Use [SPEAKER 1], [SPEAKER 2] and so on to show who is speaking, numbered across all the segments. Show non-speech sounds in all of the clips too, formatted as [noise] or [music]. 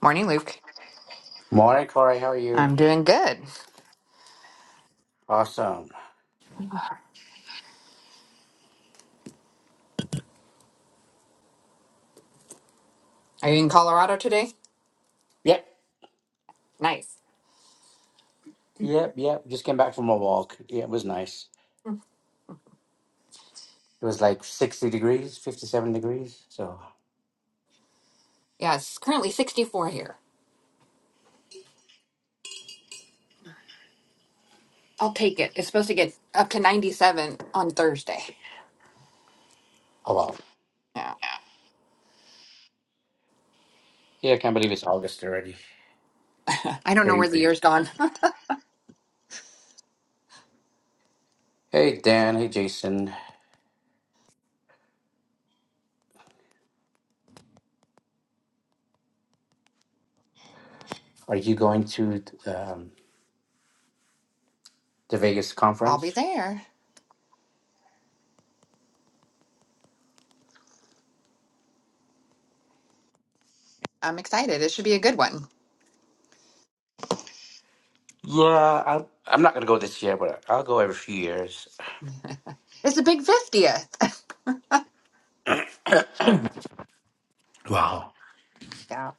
[SPEAKER 1] Morning, Luke.
[SPEAKER 2] Morning, Corey. How are you?
[SPEAKER 1] I'm doing good.
[SPEAKER 2] Awesome.
[SPEAKER 1] Are you in Colorado today?
[SPEAKER 2] Yep,
[SPEAKER 1] Nice.
[SPEAKER 2] yep, yep. Just came back from a walk. Yeah, it was nice. It was like 60 degrees, 57 degrees. So,
[SPEAKER 1] Yeah, it's currently 64 here. I'll take it. It's supposed to get up to 97 on Thursday.
[SPEAKER 2] oh wow.
[SPEAKER 1] Yeah.
[SPEAKER 2] Yeah, I can't believe it's August already.
[SPEAKER 1] I don't know where the
[SPEAKER 2] Crazy.
[SPEAKER 1] year's gone.
[SPEAKER 2] Hey, Dan. Hey, Jason. Are you going to um, the Vegas
[SPEAKER 1] [laughs] I'll be
[SPEAKER 2] conference?
[SPEAKER 1] there. I'm excited. It should be a good one.
[SPEAKER 2] Yeah, I, I'm not going to go this year, but I'll go every few years.
[SPEAKER 1] It's the big 50th. [laughs]
[SPEAKER 2] Wow.
[SPEAKER 1] Yeah.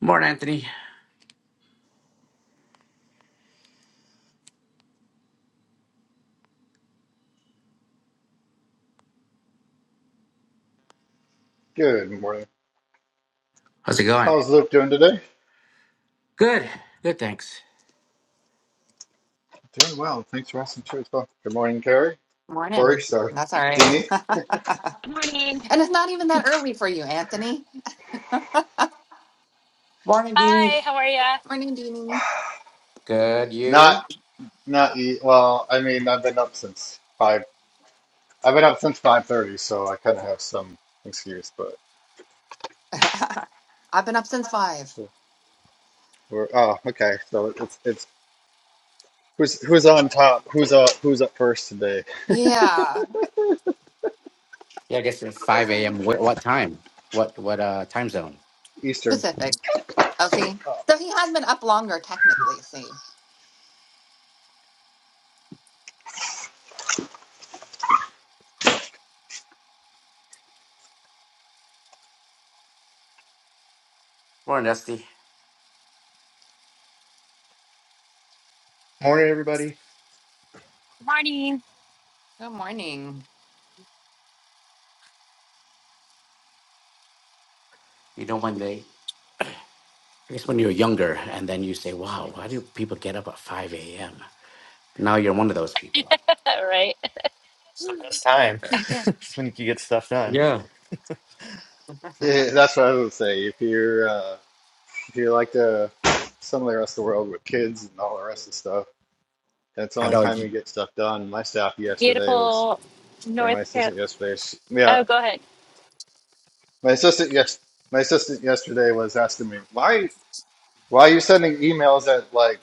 [SPEAKER 2] Morning, Anthony.
[SPEAKER 3] Good morning.
[SPEAKER 2] How's it going?
[SPEAKER 3] How's Luke doing today?
[SPEAKER 2] Good. Good, thanks.
[SPEAKER 3] Doing well. Thanks for asking too as well. Good morning, Carrie. Corey,
[SPEAKER 1] Morning.
[SPEAKER 3] sorry.
[SPEAKER 1] That's all right.
[SPEAKER 3] Deanie.
[SPEAKER 1] [laughs] and
[SPEAKER 4] Morning.
[SPEAKER 1] it's not even that early for you, Anthony.
[SPEAKER 2] Morning, Dimi.
[SPEAKER 4] Hi, how are you?
[SPEAKER 1] Morning, Jeannie.
[SPEAKER 2] Good,
[SPEAKER 3] Not
[SPEAKER 2] you?
[SPEAKER 3] not eat. well, I mean I've been up since five I've been up since five thirty, so I kinda have some excuse, but
[SPEAKER 1] [laughs] I've been up since five.
[SPEAKER 3] we're oh, okay. So it's it's who's who's on top? Who's up who's up first today?
[SPEAKER 1] Yeah.
[SPEAKER 2] Yeah, I guess it's five a.m. What, what time? What what uh time zone?
[SPEAKER 3] Eastern.
[SPEAKER 1] Pacific. Oh, see. So he has been up longer, technically, see.
[SPEAKER 2] Morning, Dusty.
[SPEAKER 5] Morning, everybody.
[SPEAKER 4] Morning.
[SPEAKER 1] Good morning.
[SPEAKER 2] You know when they? I guess when you're younger, and then you say, "Wow, why do people get up at five a.m.?" Now you're one of those people.
[SPEAKER 4] [laughs] All right.
[SPEAKER 5] It's the best time. [laughs] It's when you can get stuff done.
[SPEAKER 2] Yeah.
[SPEAKER 3] Yeah, that's what I would say. If you're uh if you're like the some of the rest of the world with kids and all the rest of the stuff, that's the
[SPEAKER 2] I
[SPEAKER 3] only
[SPEAKER 2] know. not
[SPEAKER 3] time you get stuff done. My staff yesterday was
[SPEAKER 4] Beautiful
[SPEAKER 3] Or
[SPEAKER 4] North
[SPEAKER 3] my
[SPEAKER 4] Carolina.
[SPEAKER 3] assistant yesterday. She,
[SPEAKER 4] Oh,
[SPEAKER 3] yeah,
[SPEAKER 4] go ahead.
[SPEAKER 3] my assistant yes, my assistant yesterday was asking me why why are you sending emails at like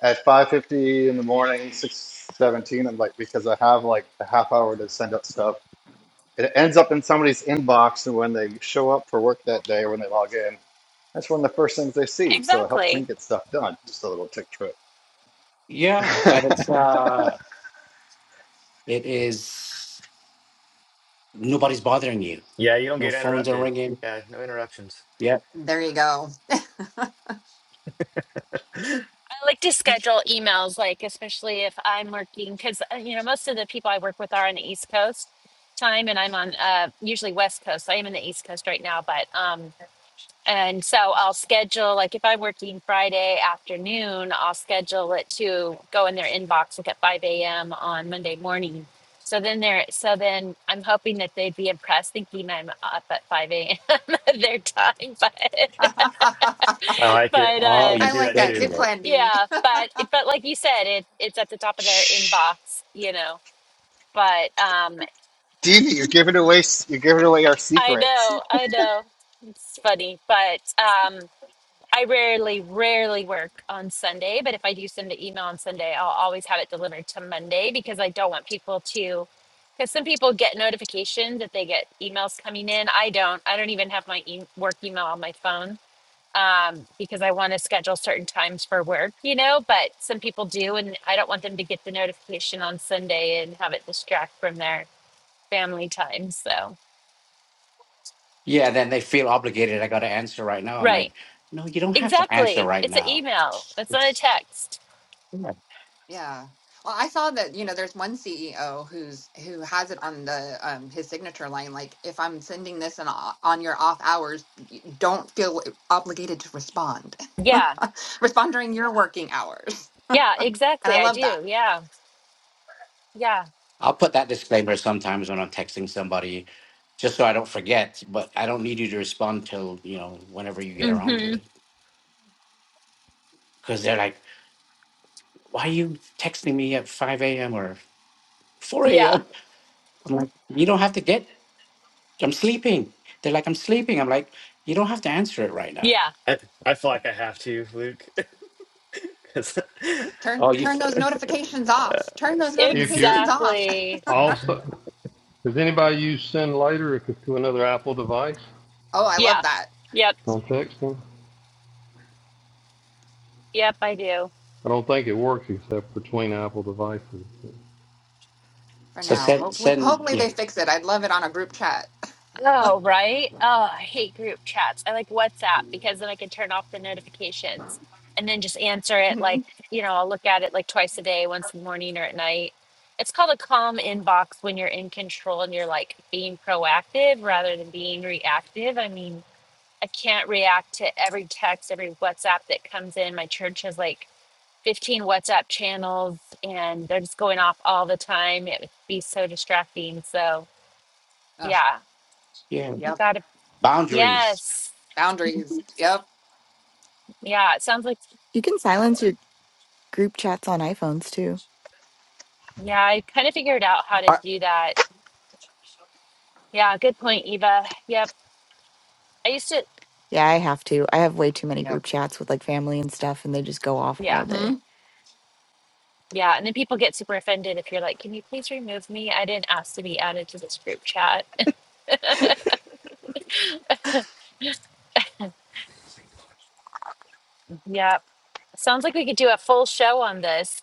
[SPEAKER 3] at five fifty in the morning, six seventeen. I'm like because I have like a half hour to send out stuff. It ends up in somebody's inbox, and when they show up for work that day, when they log in, that's one of the first things they see. So it helps
[SPEAKER 4] Exactly.
[SPEAKER 3] me get stuff done. Just a little tick trick.
[SPEAKER 2] Yeah, and it's
[SPEAKER 3] [laughs]
[SPEAKER 2] uh, it is nobody's bothering you.
[SPEAKER 5] Yeah, you don't
[SPEAKER 2] No
[SPEAKER 5] get
[SPEAKER 2] phones are
[SPEAKER 5] interrupted.
[SPEAKER 2] ringing.
[SPEAKER 5] Yeah, no interruptions.
[SPEAKER 2] Yeah.
[SPEAKER 1] There you go.
[SPEAKER 4] I like to
[SPEAKER 1] [laughs]
[SPEAKER 4] schedule emails, like, especially if I'm working, because, you know, most of the people I work with are on the East Coast time, and I'm on uh, usually West Coast. I am in the East Coast right now, but. um. And so I'll schedule, like if I'm working Friday afternoon, I'll schedule it to go in their inbox like at 5 a.m. on Monday morning. So then they're, so then I'm hoping that they'd be impressed thinking I'm up at 5 a.m. [laughs] their time. But,
[SPEAKER 1] I
[SPEAKER 5] I like
[SPEAKER 4] but,
[SPEAKER 5] it. I,
[SPEAKER 2] Oh,
[SPEAKER 4] uh,
[SPEAKER 5] I
[SPEAKER 2] you
[SPEAKER 5] do
[SPEAKER 1] like
[SPEAKER 5] that
[SPEAKER 1] that.
[SPEAKER 5] too.
[SPEAKER 2] schedule
[SPEAKER 1] Good
[SPEAKER 2] it.
[SPEAKER 1] plan, Deanie.
[SPEAKER 4] yeah,
[SPEAKER 1] [laughs]
[SPEAKER 4] but, but like you said, it, it's at the top of their
[SPEAKER 3] Shh,
[SPEAKER 4] inbox, you know, but, um,
[SPEAKER 3] Dee, Dee, you're giving away you're giving away our
[SPEAKER 4] I
[SPEAKER 3] secrets.
[SPEAKER 4] know, I know it's funny, but, um, I rarely, rarely work on Sunday, but if I do send an email on Sunday, I'll always have it delivered to Monday because I don't want people to. Because some people get notifications that they get emails coming in. I don't. I don't even have my e- work email on my phone um, because I want to schedule certain times for work, you know. But some people do, and I don't want them to get the notification on Sunday and have it distract from their family time. So,
[SPEAKER 2] Yeah. Then they feel obligated. I got to answer right now. I'm like,
[SPEAKER 4] right.
[SPEAKER 2] no, you don't have to answer
[SPEAKER 4] Exactly.
[SPEAKER 2] right
[SPEAKER 4] It's an
[SPEAKER 2] now.
[SPEAKER 4] email, it's not a text.
[SPEAKER 1] Yeah. Well, I saw that, you know, there's one CEO who's who has it on the um his signature line like if I'm sending this in, o- on your off hours, y- don't feel obligated to respond.
[SPEAKER 4] Yeah.
[SPEAKER 1] [laughs] respond during your working hours.
[SPEAKER 4] Yeah,
[SPEAKER 1] And I
[SPEAKER 4] exactly. I
[SPEAKER 1] love that.
[SPEAKER 4] do. Yeah. Yeah.
[SPEAKER 2] I'll put that disclaimer sometimes when I'm texting somebody, just so I don't forget. But I don't need you to respond till you know whenever you get around to
[SPEAKER 4] hmm
[SPEAKER 2] it, because they're like, "Why are you texting me at 5 a.m. or 4
[SPEAKER 4] Yeah.
[SPEAKER 2] a.m.?" I'm like, "You don't have to get. I'm sleeping." They're like, "I'm sleeping." I'm like, "You don't have to answer it right now."
[SPEAKER 4] Yeah.
[SPEAKER 5] I, I feel like I have to, Luke, [laughs] because
[SPEAKER 1] Turn
[SPEAKER 2] Oh, you.
[SPEAKER 1] turn those notifications off. Turn those
[SPEAKER 6] If you're
[SPEAKER 1] notifications off. [laughs]
[SPEAKER 4] Exactly.
[SPEAKER 6] also, does anybody use send later if it's to another Apple device
[SPEAKER 1] Oh, I love
[SPEAKER 4] Yeah.
[SPEAKER 1] that.
[SPEAKER 4] Yep.
[SPEAKER 6] on texting?
[SPEAKER 4] Yep. I do.
[SPEAKER 6] I don't think it works except between Apple devices.
[SPEAKER 1] For
[SPEAKER 2] So
[SPEAKER 1] now.
[SPEAKER 2] send
[SPEAKER 1] Hopefully
[SPEAKER 2] send
[SPEAKER 1] hopefully
[SPEAKER 2] yeah
[SPEAKER 1] they fix it. I'd love it on a group chat.
[SPEAKER 4] Oh, right. Oh, I hate group chats. I like WhatsApp because then I can turn off the notifications and then just answer
[SPEAKER 1] [laughs]
[SPEAKER 4] it like,
[SPEAKER 1] Mhm.
[SPEAKER 4] you know, I'll look at it like twice a day, once in the morning or at night. It's called a calm inbox when you're in control and you're like being proactive rather than being reactive. I mean, I can't react to every text, every WhatsApp that comes in. My church has like 15 WhatsApp channels and they're just going off all the time. It would be so distracting. So,
[SPEAKER 1] Ugh,
[SPEAKER 4] yeah,
[SPEAKER 2] yeah
[SPEAKER 4] gotta,
[SPEAKER 2] boundaries
[SPEAKER 4] yes.
[SPEAKER 1] Boundaries. Yep.
[SPEAKER 4] Yeah, it sounds like,
[SPEAKER 7] You can silence your group chats on iPhones too.
[SPEAKER 4] yeah, I kind of figured out how to
[SPEAKER 8] I,
[SPEAKER 4] do that. Yeah, good point, Eva. Yep. I used to,
[SPEAKER 7] Yeah, I have to. I have way too many group
[SPEAKER 1] Yep.
[SPEAKER 7] chats with like family and stuff, and they just go off all
[SPEAKER 4] yeah,
[SPEAKER 7] day.
[SPEAKER 1] hmm
[SPEAKER 4] yeah. And then people get super offended if you're like, can you please remove me? I didn't ask to be added to this group chat. Yep. Sounds like we could do a full show on this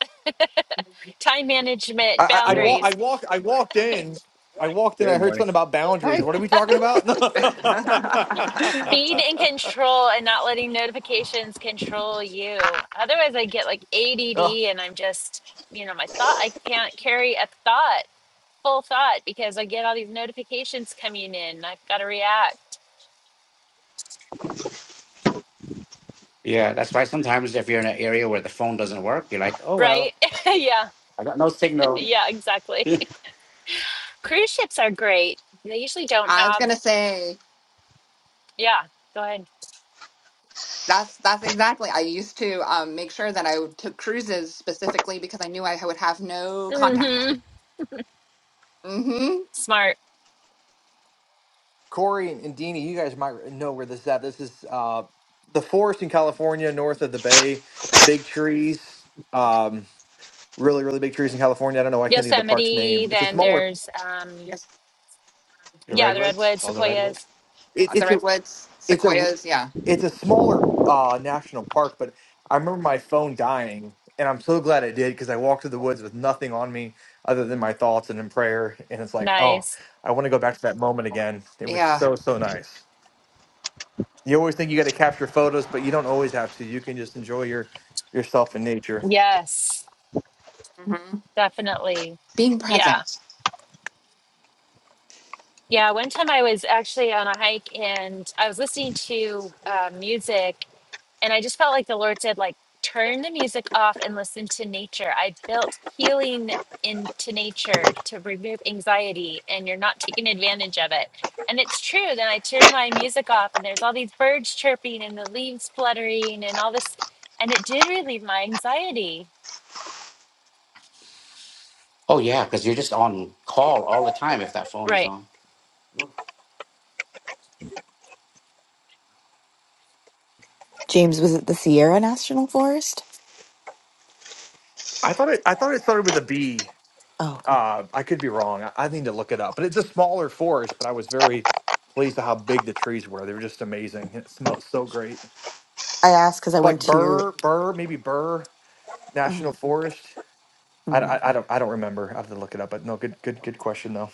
[SPEAKER 4] [laughs] time management
[SPEAKER 8] I, I
[SPEAKER 2] yeah
[SPEAKER 8] walk.
[SPEAKER 4] boundaries.
[SPEAKER 8] I walk. I walked in. I walked in. I
[SPEAKER 3] Good
[SPEAKER 8] heard
[SPEAKER 3] morning.
[SPEAKER 8] something about
[SPEAKER 3] Hi,
[SPEAKER 8] boundaries. What are we talking about?
[SPEAKER 1] [laughs]
[SPEAKER 8] [laughs]
[SPEAKER 1] I
[SPEAKER 4] Being in control and not letting notifications control you. Otherwise, I get like ADD
[SPEAKER 8] oh,
[SPEAKER 4] and I'm just, you know, my thought, I can't carry a thought, full thought, because I get all these notifications coming in. and I've got to react,
[SPEAKER 2] yeah. That's why sometimes if you're in an area where the phone doesn't work, you're like, "Oh
[SPEAKER 4] right?
[SPEAKER 2] well,
[SPEAKER 4] [laughs] yeah,
[SPEAKER 2] I got no
[SPEAKER 4] [laughs]
[SPEAKER 2] signal."
[SPEAKER 4] yeah,
[SPEAKER 2] [laughs]
[SPEAKER 4] exactly.
[SPEAKER 2] the
[SPEAKER 4] [laughs] Cruise ships are great. They usually don't
[SPEAKER 1] was
[SPEAKER 4] have,
[SPEAKER 1] gonna say
[SPEAKER 4] yeah, go ahead.
[SPEAKER 1] that's that's exactly. I used to um, make sure that I would- took cruises specifically because I knew I would have no contact.
[SPEAKER 4] hmm
[SPEAKER 1] mm hmm
[SPEAKER 4] Smart.
[SPEAKER 8] Corey and, and Deanie, you guys might know where this is at. This is uh, the forest in California, north of the bay. Big trees. Um, really, really big trees in California. I don't know. I can't think of the park's
[SPEAKER 4] Yosemite,
[SPEAKER 8] name. It's a
[SPEAKER 4] then
[SPEAKER 8] smaller.
[SPEAKER 4] there's, um,
[SPEAKER 1] Yes.
[SPEAKER 4] yeah, the
[SPEAKER 2] redwoods,
[SPEAKER 4] Redwood,
[SPEAKER 2] all the redwoods.
[SPEAKER 4] Sequoias.
[SPEAKER 8] It,
[SPEAKER 1] Uh, The
[SPEAKER 8] it's a
[SPEAKER 1] redwoods,
[SPEAKER 8] It's a
[SPEAKER 1] sequoias. Yeah.
[SPEAKER 8] it's a smaller uh, national park, but I remember my phone dying, and I'm so glad it did because I walked through the woods with nothing on me other than my thoughts and in prayer, and it's like, oh,
[SPEAKER 4] Nice.
[SPEAKER 8] I want to go back to that moment again. It was
[SPEAKER 1] Yeah.
[SPEAKER 8] so so nice. You always think you got to capture photos, but you don't always have to. You can just enjoy your yourself in nature.
[SPEAKER 4] Yes.
[SPEAKER 1] hmm
[SPEAKER 4] Definitely.
[SPEAKER 1] Being
[SPEAKER 4] Yeah.
[SPEAKER 1] present.
[SPEAKER 4] Yeah. One time I was actually on a hike and I was listening to uh, music and I just felt like the Lord said, like, turn the music off and listen to nature. I built healing into nature to remove anxiety and you're not taking advantage of it. And it's true. Then I turned my music off and there's all these birds chirping and the leaves fluttering and all this. And it did relieve my anxiety.
[SPEAKER 2] Oh yeah, because you're just on call all the time if that phone is
[SPEAKER 4] Right.
[SPEAKER 2] on.
[SPEAKER 7] James, was it the Sierra National Forest?
[SPEAKER 8] I thought it, I thought it started with a B.
[SPEAKER 7] Oh, okay.
[SPEAKER 8] Uh, I could be wrong. I, I need to look it up, but it's a smaller forest. But I was very pleased at how big the trees were. They were just amazing. It smelled so great.
[SPEAKER 7] I asked because I went
[SPEAKER 8] like
[SPEAKER 7] to,
[SPEAKER 8] Burr, Burr, maybe Burr
[SPEAKER 7] oh,
[SPEAKER 8] National Forest. I,
[SPEAKER 7] hmm.
[SPEAKER 8] I, I don't I don't remember. I have to look it up. But no, good good good question though.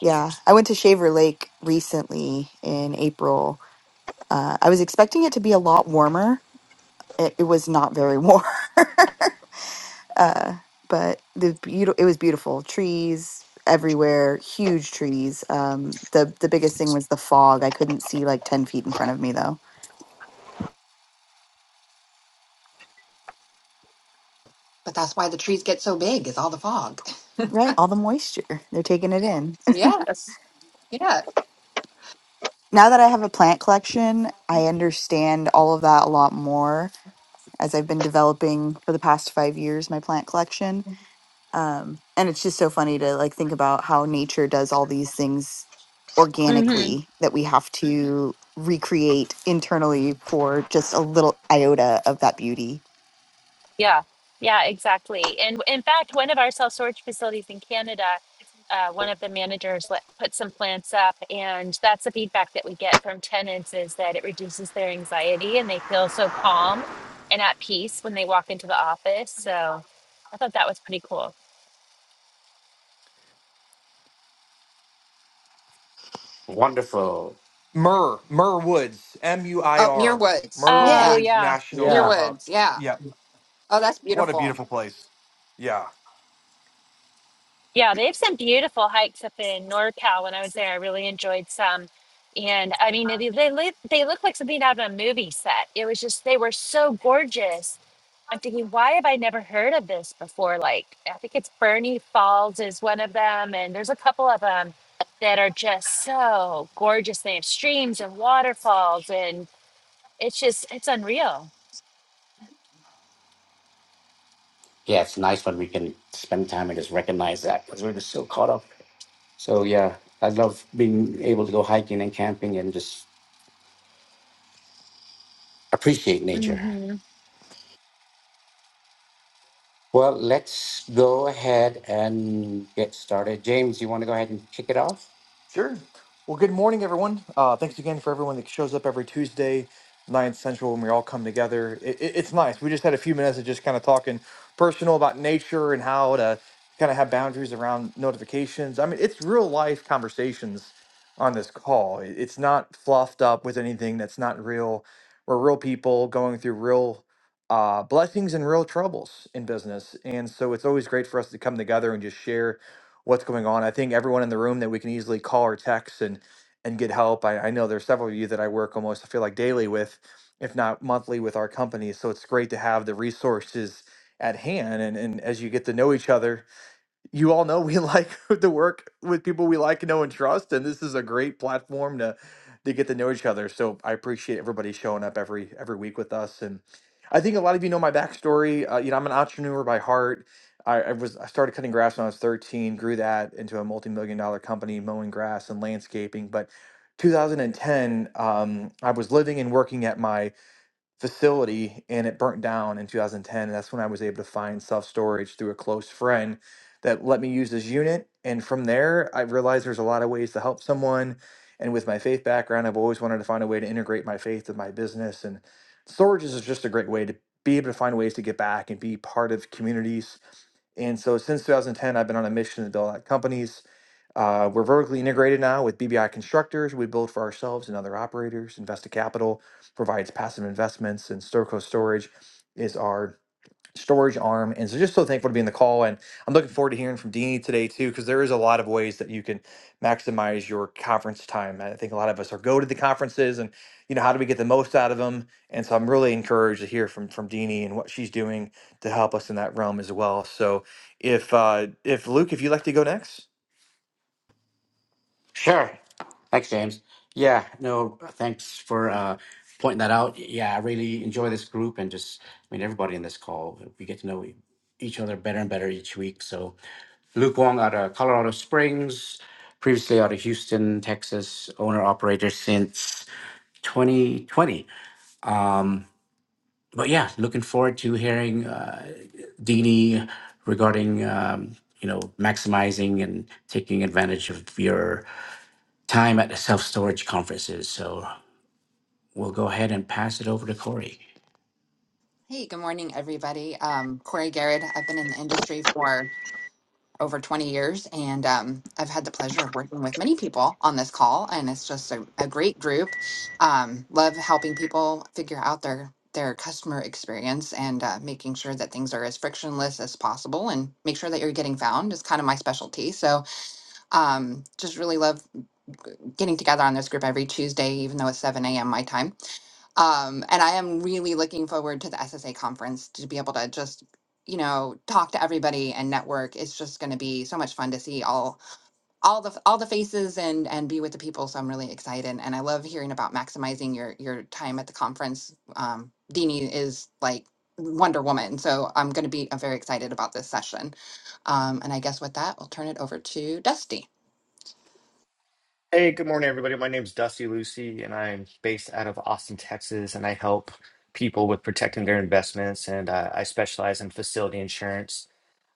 [SPEAKER 7] yeah, I went to Shaver Lake recently in April. Uh, I was expecting it to be a lot warmer. It, it was not very warm. [laughs] Uh, but the beautiful, it was beautiful. Trees everywhere, huge trees. Um, the the biggest thing was the fog. I couldn't see like ten feet in front of me though.
[SPEAKER 1] But that's why the trees get so big is all the fog. [laughs]
[SPEAKER 7] Right, all the moisture. They're taking it in. [laughs]
[SPEAKER 1] Yes. Yeah.
[SPEAKER 7] Now that I have a plant collection, I understand all of that a lot more as I've been developing for the past five years my plant collection um and it's just so funny to like think about how nature does all these things organically that we have to recreate internally for just a little iota of that beauty
[SPEAKER 4] Yeah, yeah, exactly. And in fact, one of our self storage facilities in Canada, uh, one of the managers let, put some plants up, and that's the feedback that we get from tenants is that it reduces their anxiety and they feel so calm and at peace when they walk into the office. So I thought that was pretty cool.
[SPEAKER 2] Wonderful.
[SPEAKER 8] Murr Murr Woods M U I
[SPEAKER 1] Up near
[SPEAKER 8] R
[SPEAKER 1] woods.
[SPEAKER 8] Murr
[SPEAKER 4] Oh
[SPEAKER 1] Yeah.
[SPEAKER 8] Woods
[SPEAKER 4] yeah,
[SPEAKER 1] Near
[SPEAKER 8] National.
[SPEAKER 2] Yeah.
[SPEAKER 8] Uh,
[SPEAKER 1] woods. Yeah.
[SPEAKER 8] yeah,
[SPEAKER 1] Oh, that's
[SPEAKER 8] what a
[SPEAKER 1] beautiful.
[SPEAKER 8] beautiful place. Yeah,
[SPEAKER 4] yeah, they have some beautiful hikes up in NorCal. When I was there, I really enjoyed some. And I mean, they they, li- they look like something out of a movie set. It was just they were so gorgeous I'm thinking, why have I never heard of this before? Like, I think it's Bernie Falls is one of them, and there's a couple of them that are just so gorgeous. They have streams and waterfalls, and it's just it's unreal.
[SPEAKER 2] Yeah, it's nice when we can spend time and just recognize that because we're just so caught up. So yeah, I love being able to go hiking and camping and just appreciate nature. Well, let's go ahead and get started. James, you want to go ahead and kick it off?
[SPEAKER 8] Sure. Well, good morning, everyone. Uh, thanks again for everyone that shows up every Tuesday, 9 Central, when we all come together. It, it, it's nice. We just had a few minutes of just kind of talking personal about nature and how to kind of have boundaries around notifications. I mean, it's real life conversations on this call. It- it's not fluffed up with anything that's not real. We're real people going through real uh, blessings and real troubles in business. And so it's always great for us to come together and just share what's going on. I think everyone in the room that we can easily call or text and and get help. I, I know there's several of you that I work almost I feel like daily with, if not monthly with our company. So it's great to have the resources at hand. And and as you get to know each other you all know we [laughs] like to work with people we like, know, and trust, and this is a great platform to to get to know each other. So I appreciate everybody showing up every every week with us, and I think a lot of you know my backstory. Uh, you know, I'm an entrepreneur by heart. I, I was I started cutting grass when I was 13, grew that into a multi-million dollar company mowing grass and landscaping, but 2010, um, I was living and working at my facility and it burnt down in 2010 and that's when i was able to find self storage through a close friend that let me use this unit and from there i realized there's a lot of ways to help someone and with my faith background i've always wanted to find a way to integrate my faith with my business and storage is just a great way to be able to find ways to get back and be part of communities and so since 2010 i've been on a mission to build out companies uh, we're vertically integrated now with BBI Constructors. We build for ourselves and other operators. Investa Capital provides passive investments, and Storco Storage is our storage arm. And so, just so thankful to be in the call. And I'm looking forward to hearing from Deanie today too, because there is a lot of ways that you can maximize your conference time. I think a lot of us are go to the conferences, and you know how do we get the most out of them. And so, I'm really encouraged to hear from from Deanie and what she's doing to help us in that realm as well. So, if uh, if Luke, if you'd like to go next.
[SPEAKER 2] Sure. Thanks, James. Yeah, no, thanks for uh, pointing that out. Yeah, I really enjoy this group and just, I mean, everybody in this call. We get to know e- each other better and better each week. So, Luke Wong out of Colorado Springs, previously out of Houston, Texas, owner operator since 2020. Um, but yeah, looking forward to hearing uh, Dini regarding um, you know maximizing and taking advantage of your time at the self storage conferences. So we'll go ahead and pass it over to Corey.
[SPEAKER 1] Hey, good morning, everybody. Um, Corey Garrett. I've been in the industry for over 20 years, and um, I've had the pleasure of working with many people on this call, and it's just a, a great group. Um, love helping people figure out their their customer experience and uh, making sure that things are as frictionless as possible and make sure that you're getting found is kind of my specialty. So um, just really love getting together on this group every Tuesday, even though it's 7 a.m. my time. Um, and I am really looking forward to the SSA conference to be able to just, you know, talk to everybody and network. It's just going to be so much fun to see all all the all the faces and and be with the people. So I'm really excited, and I love hearing about maximizing your your time at the conference. Um, Dini is like Wonder Woman, so I'm going to be uh, very excited about this session. Um, and I guess with that, I'll turn it over to Dusty.
[SPEAKER 5] Hey, good morning, everybody. My name's Dusty Lucy, and I'm based out of Austin, Texas, and I help people with protecting their investments. And uh, I specialize in facility insurance.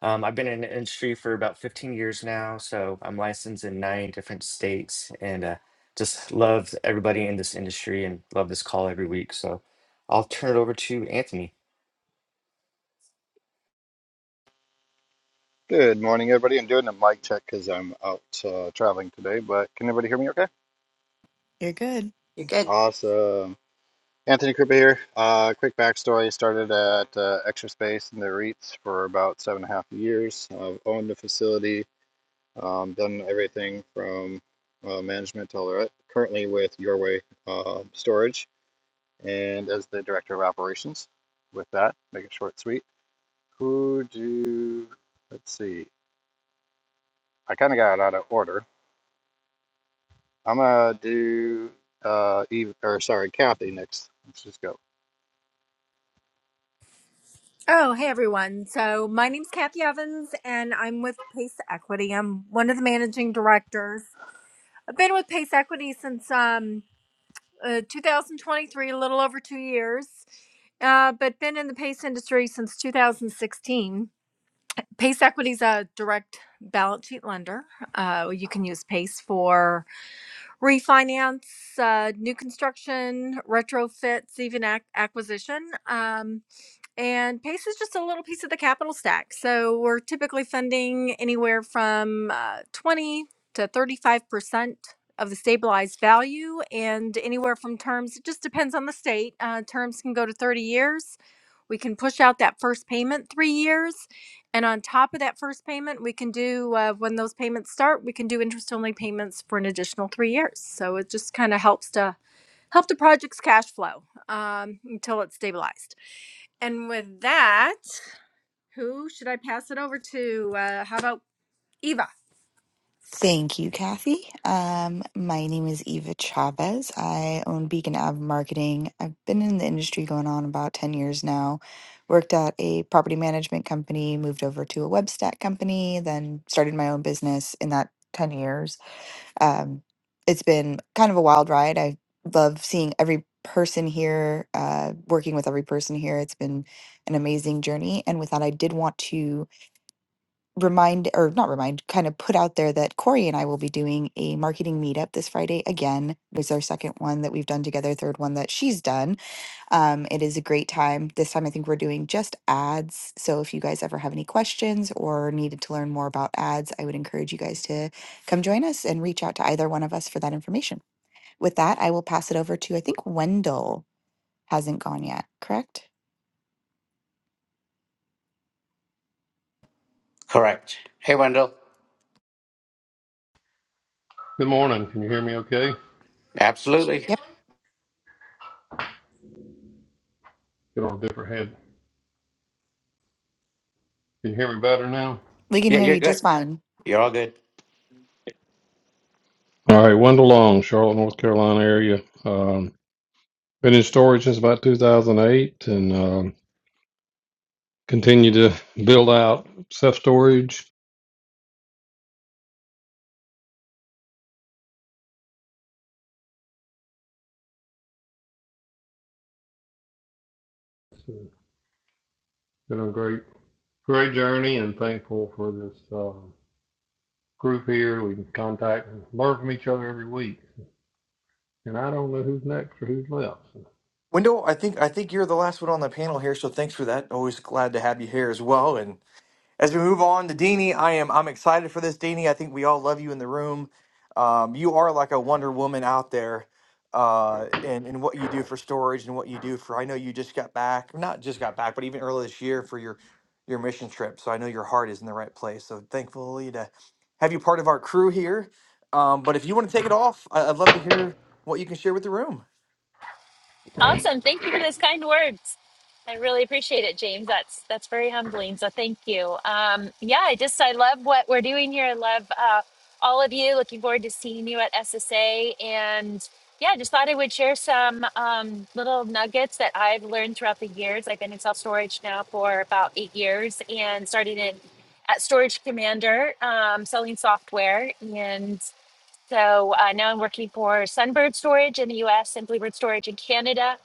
[SPEAKER 5] Um, I've been in the industry for about 15 years now, so I'm licensed in nine different states, and uh, just love everybody in this industry and love this call every week. So I'll turn it over to Anthony.
[SPEAKER 3] Good morning, everybody. I'm doing a mic check because I'm out uh, traveling today, but can everybody hear me okay?
[SPEAKER 7] You're good.
[SPEAKER 1] You're good.
[SPEAKER 3] Awesome. Anthony Krupa here. Uh, quick backstory started at uh, Extra Space in the REITs for about seven and a half years. I've owned the facility, um, done everything from uh, management to all that. Currently with Your Way uh, Storage and as the director of operations. With that, make it short, and sweet. Who do, let's see, I kind of got out of order I'm gonna do uh Eve or sorry, Kathy next. Let's just go.
[SPEAKER 9] Oh, hey everyone. So my name's Kathy Evans and I'm with Pace Equity. I'm one of the managing directors. I've been with Pace Equity since um, uh, 2023, a little over two years, uh, but been in the Pace industry since 2016. Pace Equity is a direct balance sheet lender. Uh, you can use Pace for refinance, uh, new construction, retrofits, even ac- acquisition. Um, and PACE is just a little piece of the capital stack. So we're typically funding anywhere from uh, 20 to 35% of the stabilized value, and anywhere from terms, it just depends on the state. Uh, terms can go to 30 years. We can push out that first payment three years. And on top of that first payment, we can do, uh, when those payments start, we can do interest only payments for an additional three years. So it just kind of helps to help the project's cash flow um, until it's stabilized. And with that, who should I pass it over to? Uh, how about Eva?
[SPEAKER 7] Thank you, Kathy. Um, my name is Eva Chavez. I own Beacon Ave Marketing. I've been in the industry going on about 10 years now. Worked at a property management company, moved over to a web stack company, then started my own business in that 10 years. Um, it's been kind of a wild ride. I love seeing every person here, uh, working with every person here. It's been an amazing journey. And with that, I did want to remind or not remind, kind of put out there that Corey and I will be doing a marketing meetup this Friday again. It's our second one that we've done together, third one that she's done. Um, it is a great time. This time, I think we're doing just ads. So if you guys ever have any questions or needed to learn more about ads, I would encourage you guys to come join us and reach out to either one of us for that information. With that, I will pass it over to, I think Wendell hasn't gone yet, correct?
[SPEAKER 2] Correct. Hey, Wendell.
[SPEAKER 6] Good morning. Can you hear me okay?
[SPEAKER 2] Absolutely.
[SPEAKER 7] Yep,
[SPEAKER 6] Get on a different head. Can you hear me better now?
[SPEAKER 7] we can
[SPEAKER 2] Yeah,
[SPEAKER 7] hear
[SPEAKER 2] you're
[SPEAKER 7] you just
[SPEAKER 2] good.
[SPEAKER 7] fine.
[SPEAKER 2] You're all good.
[SPEAKER 6] All right. Wendell Long, Charlotte, North Carolina area. Um, been in storage since about 2008 and um, continue to build out self storage. It's been a great, great journey and thankful for this um, group here. We can contact and learn from each other every week. and I don't know who's next or who's left.
[SPEAKER 8] Wendell, I think I think you're the last one on the panel here, so thanks for that. Always glad to have you here as well. And as we move on to Deanie, I am I'm excited for this, Deanie. I think we all love you in the room. Um, you are like a Wonder Woman out there, uh, and and what you do for storage and what you do for. I know you just got back, not just got back, but even earlier this year for your your mission trip. So I know your heart is in the right place. So thankfully to have you part of our crew here. Um, but if you want to take it off, I, I'd love to hear what you can share with the room.
[SPEAKER 4] Awesome. Thank you for those kind words. I really appreciate it, James. That's that's very humbling. So thank you. Um, yeah, I just I love what we're doing here. I love uh, all of you. Looking forward to seeing you at SSA. And yeah, just thought I would share some um, little nuggets that I've learned throughout the years. I've been in self storage now for about eight years, and started in at Storage Commander, um, selling software and. So uh, now I'm working for Sunbird Storage in the US and Bluebird Storage in Canada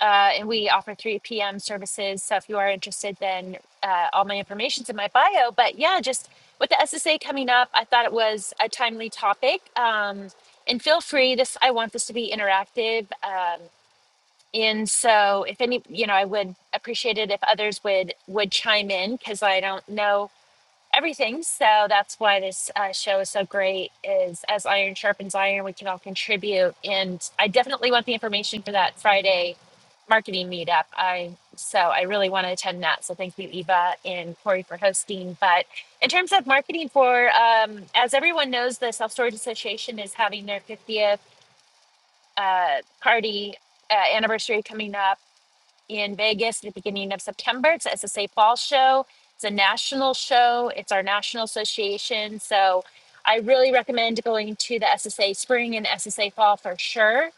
[SPEAKER 4] uh, and we offer 3 p.m. services. So if you are interested, then uh, all my information's in my bio. But yeah, just with the SSA coming up, I thought it was a timely topic. Um, and feel free. This I want this to be interactive. Um, and so if any, you know, I would appreciate it if others would would chime in because I don't know everything. So that's why this uh, show is so great. Is as iron sharpens iron, we can all contribute. And I definitely want the information for that Friday marketing meetup. I so I really want to attend that. So thank you, Eva and Corey, for hosting. But in terms of marketing for, um, as everyone knows, the Self Storage Association is having their 50th uh, party uh, anniversary coming up in Vegas at the beginning of September. It's the SSA Fall Show. It's a national show. It's our national association. So I really recommend going to the SSA Spring and SSA Fall for sure.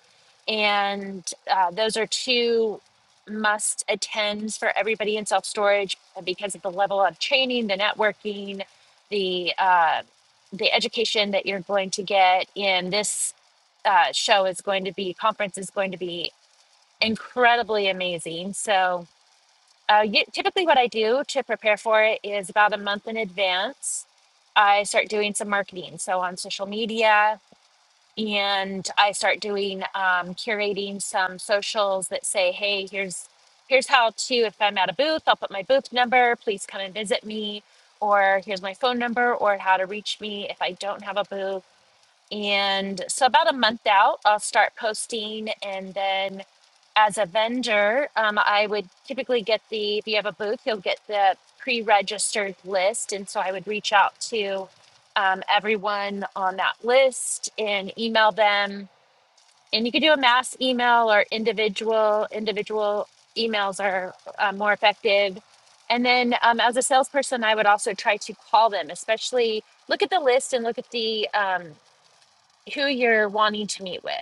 [SPEAKER 4] And uh, those are two must attends for everybody in self storage because of the level of training, the networking, the uh, the education that you're going to get in this uh, show is going to be conference is going to be incredibly amazing. So uh, y typically, what I do to prepare for it is about a month in advance, I start doing some marketing. So on social media, and I start doing um, curating some socials that say, "Hey, here's here's how to. If I'm at a booth, I'll put my booth number. Please come and visit me." Or here's my phone number, or how to reach me if I don't have a booth and so, about a month out, I'll start posting. And then, as a vendor, um, I would typically get the, if you have a booth, you'll get the pre registered list. And so, I would reach out to um, everyone on that list and email them. And you could do a mass email or individual, individual emails are uh, more effective. And then, um, as a salesperson, I would also try to call them, especially look at the list and look at the um, who you're wanting to meet with.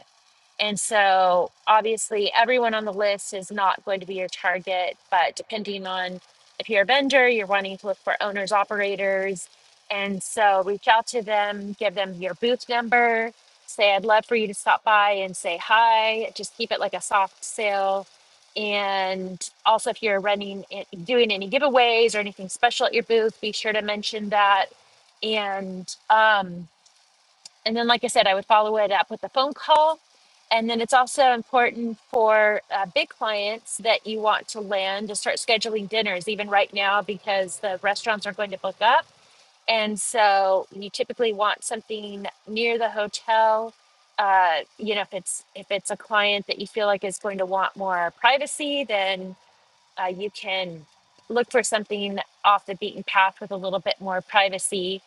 [SPEAKER 4] And so, obviously, everyone on the list is not going to be your target, but depending on if you're a vendor, you're wanting to look for owners, operators. And so, reach out to them, give them your booth number, say, I'd love for you to stop by and say hi. Just keep it like a soft sale. And also, if you're running, doing any giveaways or anything special at your booth, be sure to mention that. And, um, and then, like I said, I would follow it up with a phone call. And then it's also important for uh, big clients that you want to land to start scheduling dinners, even right now, because the restaurants are going to book up. And so you typically want something near the hotel. Uh, you know, if it's if it's a client that you feel like is going to want more privacy, then uh, you can look for something off the beaten path with a little bit more privacy.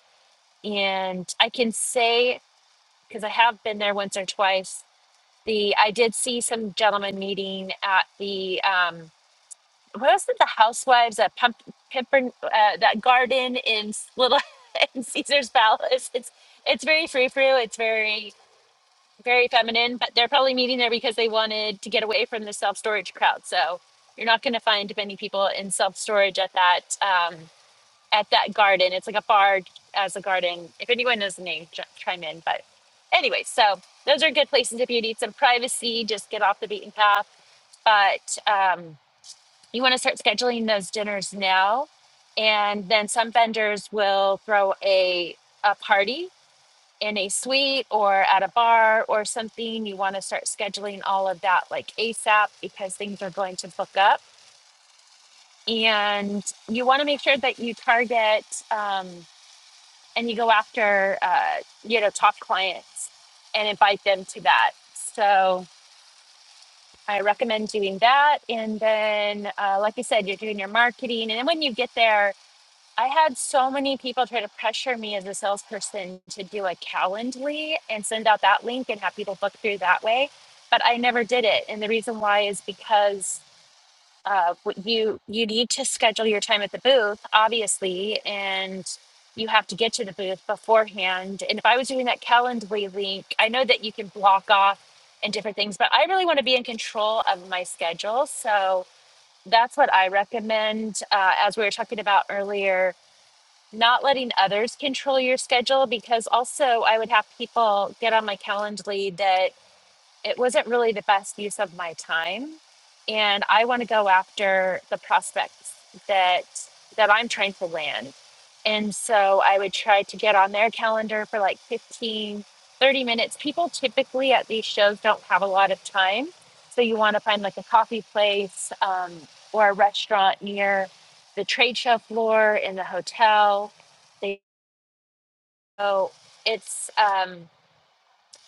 [SPEAKER 4] And I can say because I have been there once or twice. The I did see some gentlemen meeting at the um, what was it? The housewives at Pump Pimpern, uh, that garden in S- Little [laughs] in Caesar's Palace. It's it's very frou frou. It's very very feminine, but they're probably meeting there because they wanted to get away from the self storage crowd. So you're not going to find many people in self storage at that. Um, at that garden. It's like a bar as a garden. If anyone knows the name, ch- chime in. But anyway, so those are good places if you need some privacy, just get off the beaten path. But um, you want to start scheduling those dinners now. And then some vendors will throw a, a party in a suite or at a bar or something. You want to start scheduling all of that like ASAP because things are going to book up. And you want to make sure that you target. Um, and you go after uh, you know top clients and invite them to that so i recommend doing that and then uh, like you said you're doing your marketing and then when you get there i had so many people try to pressure me as a salesperson to do a calendly and send out that link and have people book through that way but i never did it and the reason why is because uh, w- you you need to schedule your time at the booth, obviously, and you have to get to the booth beforehand. And if I was doing that Calendly link, I know that you can block off and different things, but I really want to be in control of my schedule. So that's what I recommend. Uh, as we were talking about earlier, not letting others control your schedule because also I would have people get on my Calendly that it wasn't really the best use of my time and i want to go after the prospects that that i'm trying to land and so i would try to get on their calendar for like 15, 30 minutes people typically at these shows don't have a lot of time so you want to find like a coffee place um, or a restaurant near the trade show floor in the hotel they so it's um,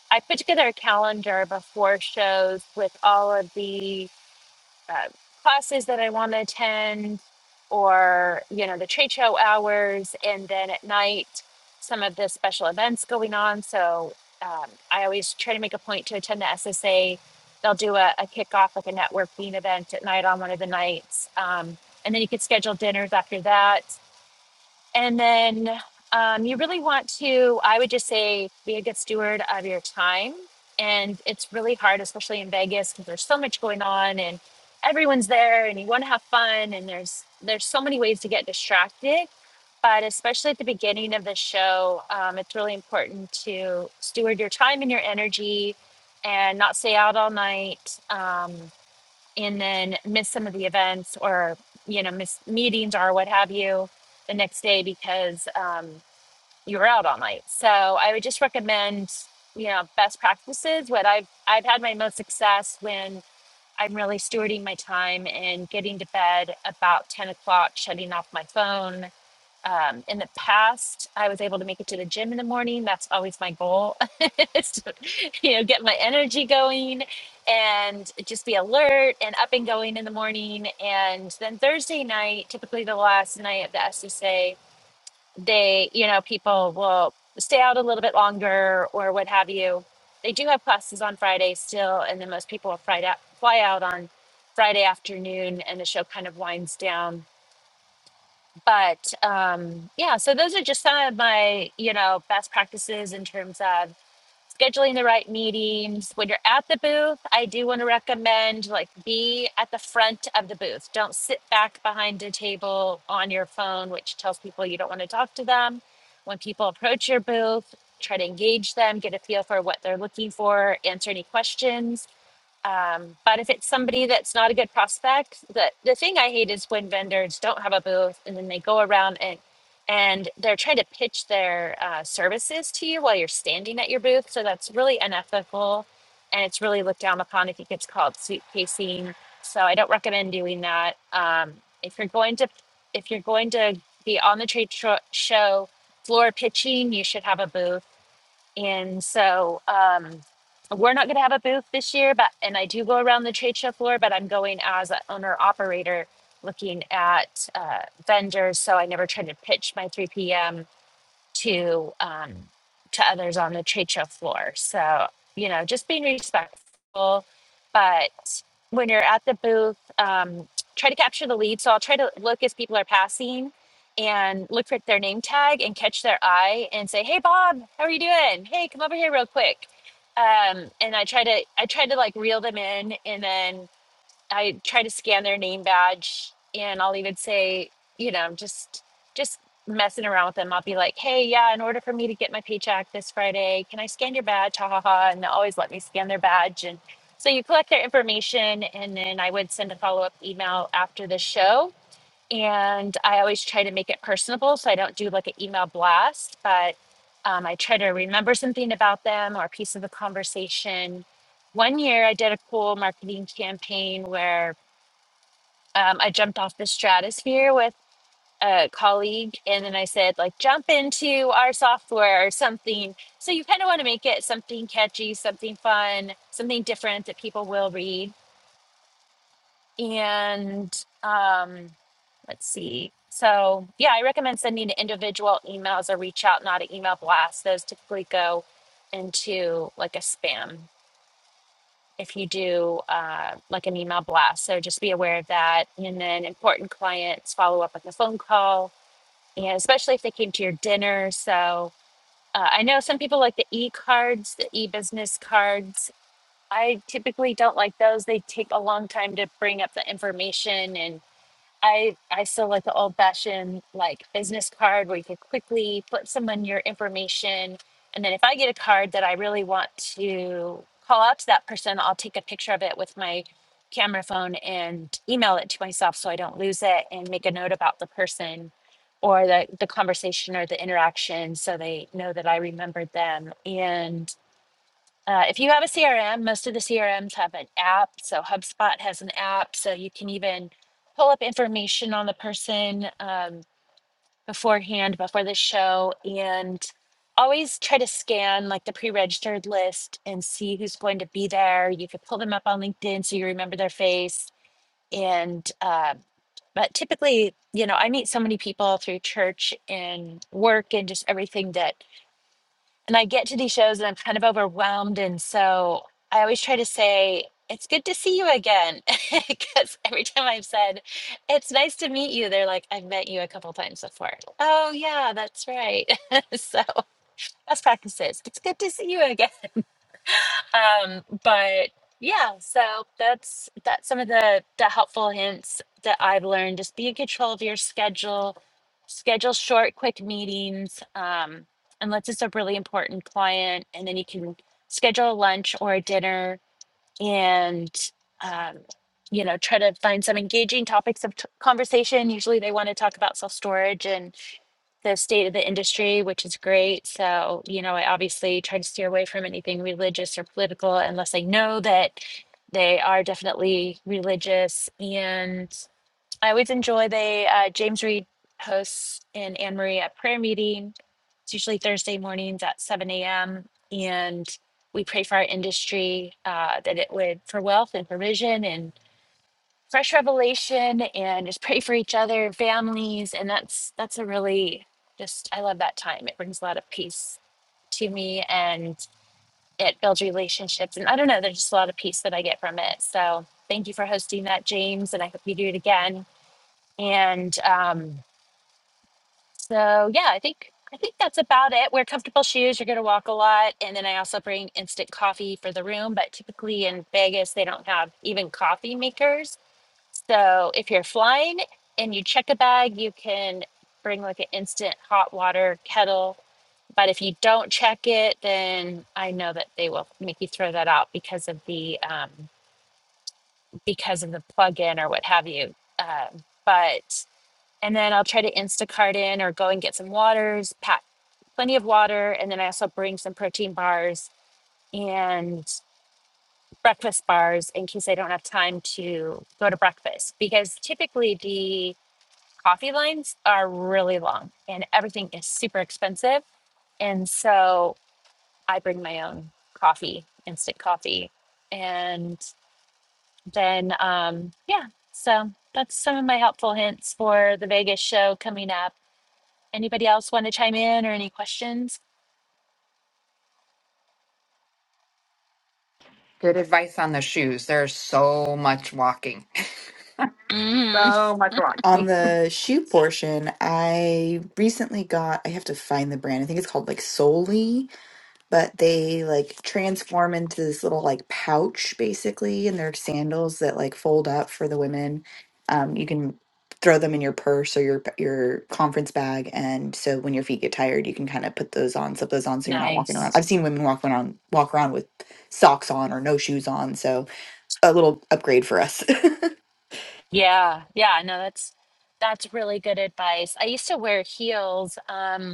[SPEAKER 4] I put together a calendar before shows with all of the uh, classes that I want to attend, or you know the trade show hours, and then at night some of the special events going on. So um, I always try to make a point to attend the SSA. They'll do a, a kickoff, like a networking event at night on one of the nights, um, and then you could schedule dinners after that and then um, you really want to, I would just say, be a good steward of your time. And it's really hard, especially in Vegas, because there's so much going on and everyone's there and you want to have fun. And there's there's so many ways to get distracted. But especially at the beginning of the show, um, it's really important to steward your time and your energy and not stay out all night. Um, and then miss some of the events or you know miss meetings or what have you the next day because um, you were out all night so i would just recommend you know best practices what i've i've had my most success when i'm really stewarding my time and getting to bed about 10 o'clock shutting off my phone um, in the past i was able to make it to the gym in the morning that's always my goal [laughs] is to you know get my energy going and just be alert and up and going in the morning and then thursday night typically the last night of the scsa they you know people will stay out a little bit longer or what have you they do have classes on friday still and then most people will fly out, fly out on friday afternoon and the show kind of winds down but um, yeah, so those are just some of my, you know, best practices in terms of scheduling the right meetings. When you're at the booth, I do want to recommend like be at the front of the booth. Don't sit back behind a table on your phone, which tells people you don't want to talk to them. When people approach your booth, try to engage them, get a feel for what they're looking for, answer any questions um, but if it's somebody that's not a good prospect, the the thing I hate is when vendors don't have a booth and then they go around and and they're trying to pitch their uh, services to you while you're standing at your booth. So that's really unethical, and it's really looked down upon. I think it's called suitcasing. So I don't recommend doing that. Um, if you're going to if you're going to be on the trade tro- show floor pitching, you should have a booth and so um, we're not going to have a booth this year, but and I do go around the trade show floor, but I'm going as an owner operator looking at uh, vendors. So I never try to pitch my 3 p.m to um, to others on the trade show floor. So you know, just being respectful. But when you're at the booth, um, try to capture the lead. So I'll try to look as people are passing and look for their name tag and catch their eye and say, "Hey, Bob, how are you doing? Hey, come over here real quick." Um, and I try to I try to like reel them in, and then I try to scan their name badge and I'll even say, you know, just just messing around with them. I'll be like, hey, yeah, in order for me to get my paycheck this Friday, can I scan your badge? Ha ha ha. And they'll always let me scan their badge. And so you collect their information and then I would send a follow-up email after the show and I always try to make it personable, so I don't do like an email blast, but um, I try to remember something about them or a piece of the conversation. One year, I did a cool marketing campaign where um, I jumped off the stratosphere with a colleague, and then I said like, "Jump into our software" or something. So you kind of want to make it something catchy, something fun, something different that people will read and um, let's see. So, yeah, I recommend sending individual emails or reach out, not an email blast. Those typically go into like a spam if you do uh, like an email blast. So, just be aware of that. And then, important clients follow up with a phone call, and especially if they came to your dinner. So, uh, I know some people like the e cards, the e business cards. I typically don't like those. They take a long time to bring up the information and I I still like the old fashioned like business card where you could quickly put someone your information, and then if I get a card that I really want to call out to that person, I'll take a picture of it with my camera phone and email it to myself so I don't lose it, and make a note about the person or the the conversation or the interaction so they know that I remembered them. and. Uh, if you have a CRM, most of the CRMs have an app. So HubSpot has an app, so you can even pull up information on the person um, beforehand, before the show, and always try to scan like the pre-registered list and see who's going to be there. You could pull them up on LinkedIn so you remember their face. And uh, but typically, you know, I meet so many people through church and work and just everything that and I get to these shows and I'm kind of overwhelmed. And so I always try to say, it's good to see you again. [laughs] Because every time I've said, it's nice to meet you, they're like, I've met you a couple times before. Oh, yeah, that's right. [laughs] so best practices. It's good to see you again um, but yeah, so that's that's some of the the helpful hints that I've learned. Just be in control of your schedule, schedule short, quick meetings, um, unless it's a really important client, and then you can schedule a lunch or a dinner and um, you know try to find some engaging topics of t- conversation usually they want to talk about self-storage and the state of the industry which is great so you know i obviously try to steer away from anything religious or political unless i know that they are definitely religious and. I always enjoy the uh, James Reed hosts and Anne Marie at prayer meeting. It's usually Thursday mornings at 7 a.m. And we pray for our industry uh, that it would for wealth and provision and fresh revelation and just pray for each other, families. And that's that's a really just I love that time. It brings a lot of peace to me and it builds relationships. And I don't know, there's just a lot of peace that I get from it. So thank you for hosting that, James. And I hope you do it again. And um, so, yeah, I think I think that's about it. Wear comfortable shoes. You're going to walk a lot, and then I also bring instant coffee for the room. But typically in Vegas, they don't have even coffee makers. So if you're flying and you check a bag, you can bring like an instant hot water kettle. But if you don't check it, then I know that they will make you throw that out because of the um, because of the plug-in or what have you. Um, but and then I'll try to Instacart in or go and get some waters, pack plenty of water, and then I also bring some protein bars and breakfast bars in case I don't have time to go to breakfast because typically the coffee lines are really long and everything is super expensive. And so I bring my own coffee, instant coffee. And then, um, yeah, so that's some of my helpful hints for the Vegas show coming up Anybody else want to chime in or any questions?
[SPEAKER 1] Good advice on the shoes. There's so much walking. [laughs]
[SPEAKER 4] Mm,
[SPEAKER 1] So much
[SPEAKER 7] On
[SPEAKER 1] walking.
[SPEAKER 7] the shoe portion, I recently got, I have to find the brand. I think it's called like Soli, but they like transform into this little like pouch basically, and they're sandals that like fold up for the women. Um, you can throw them in your purse or your your conference bag, and so when your feet get tired, you can kind of put those on, slip those on, so you're not walking around.
[SPEAKER 4] nice.
[SPEAKER 7] I've seen women walk around walk around with socks on or no shoes on, so a little upgrade for us. [laughs]
[SPEAKER 4] Yeah, yeah. No, that's that's really good advice. I used to wear heels. Um,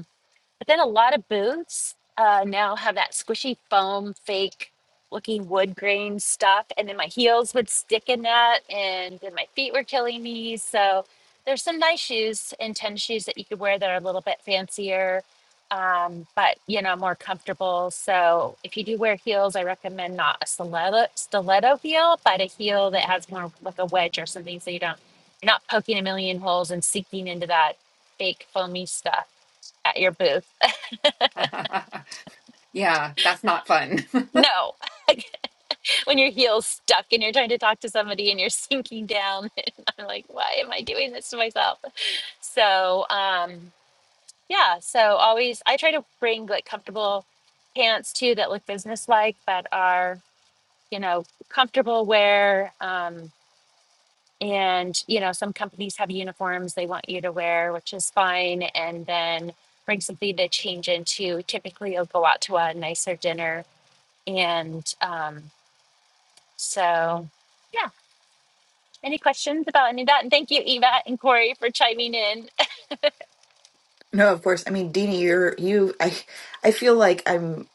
[SPEAKER 4] But then a lot of booths uh, now have that squishy foam, fake looking wood grain stuff. And then my heels would stick in that, and then my feet were killing me. So there's some nice shoes and tennis shoes that you could wear that are a little bit fancier, um, but you know, more comfortable. So if you do wear heels, I recommend not a stiletto, stiletto heel, but a heel that has more like a wedge or something so you don't, you're not poking a million holes and sinking into that fake foamy stuff at your booth
[SPEAKER 1] [laughs] yeah, that's not fun. [laughs]
[SPEAKER 4] No, when your heel's stuck and you're trying to talk to somebody and you're sinking down, [laughs] and I'm like, why am I doing this to myself? So, um, yeah, so always I try to bring like comfortable pants too that look business like but are, you know, comfortable wear. Um, and, you know, some companies have uniforms they want you to wear, which is fine. And then bring something to change into. Typically, you'll go out to a nicer dinner. And um, so, yeah Any questions about any of that? And thank you, Eva and Corey, for chiming in.
[SPEAKER 7] No, of course. I mean, Dini, you're you. I I feel like I'm.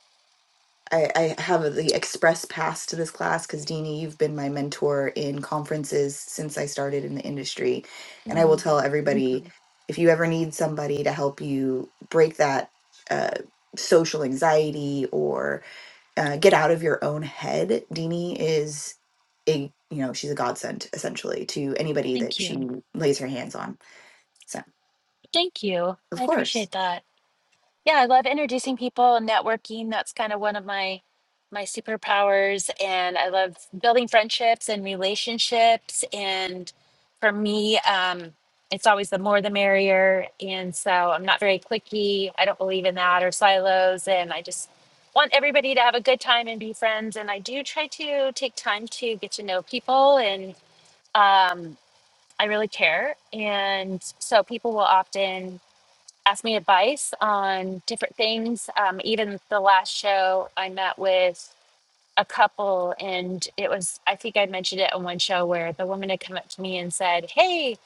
[SPEAKER 7] I, I have the express pass to this class because Dini, you've been my mentor in conferences since I started in the industry, and I will
[SPEAKER 4] Mm,
[SPEAKER 7] tell
[SPEAKER 4] Thank
[SPEAKER 7] everybody
[SPEAKER 4] you.
[SPEAKER 7] if you ever need somebody to help you break that uh, social anxiety or uh, get out of your own head, Dini is a you know she's a godsend essentially to anybody
[SPEAKER 4] Thank
[SPEAKER 7] that she
[SPEAKER 4] you.
[SPEAKER 7] lays her hands on. So
[SPEAKER 4] Thank you.
[SPEAKER 7] of
[SPEAKER 4] I
[SPEAKER 7] course,
[SPEAKER 4] appreciate that. Yeah, I love introducing people and networking. That's kind of one of my my superpowers and I love building friendships and relationships and for me um it's always the more the merrier and so I'm not very clicky. I don't believe in that or silos and I just want everybody to have a good time and be friends and I do try to take time to get to know people and um I really care and so people will often asked me advice on different things. Um, even the last show, I met with a couple, and it was, I think I mentioned it on one show where the woman had come up to me and said, Hey,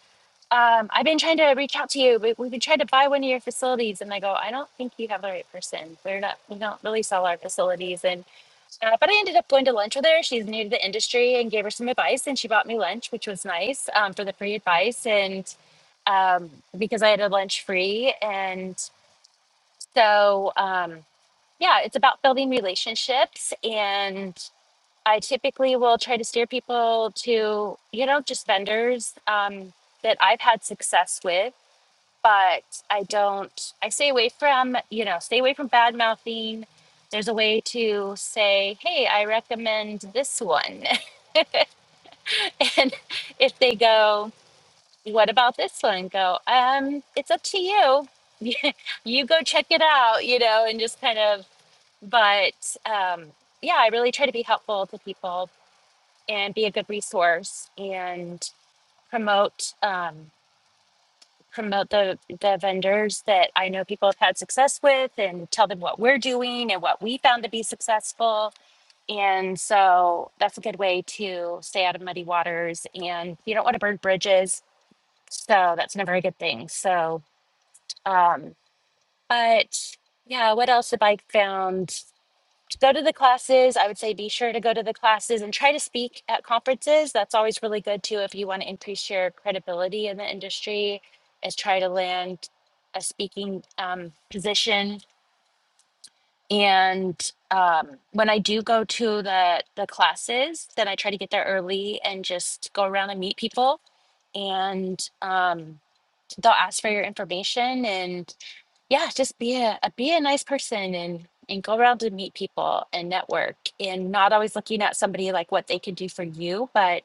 [SPEAKER 4] um, I've been trying to reach out to you, but we've been trying to buy one of your facilities. And I go, I don't think you have the right person. We're not, we don't really sell our facilities. And, uh, but I ended up going to lunch with her. She's new to the industry and gave her some advice, and she bought me lunch, which was nice um, for the free advice. And um, because I had a lunch free. And so, um, yeah, it's about building relationships. And I typically will try to steer people to, you know, just vendors um, that I've had success with. But I don't, I stay away from, you know, stay away from bad mouthing. There's a way to say, hey, I recommend this one. [laughs] and if they go, what about this one? Go, um, it's up to you. [laughs] you go check it out, you know, and just kind of but um, yeah, I really try to be helpful to people and be a good resource and promote um, promote the the vendors that I know people have had success with and tell them what we're doing and what we found to be successful. And so that's a good way to stay out of muddy waters. And you don't want to burn bridges, so that's never a good thing. So, um, but yeah, what else have I found? go to the classes. I would say be sure to go to the classes and try to speak at conferences. That's always really good too if you want to increase your credibility in the industry. Is try to land a speaking um, position. And um, when I do go to the the classes, then I try to get there early and just go around and meet people. And um, they'll ask for your information and yeah, just be a, a be a nice person and and go around and meet people and network and not always looking at somebody like what they can do for you, but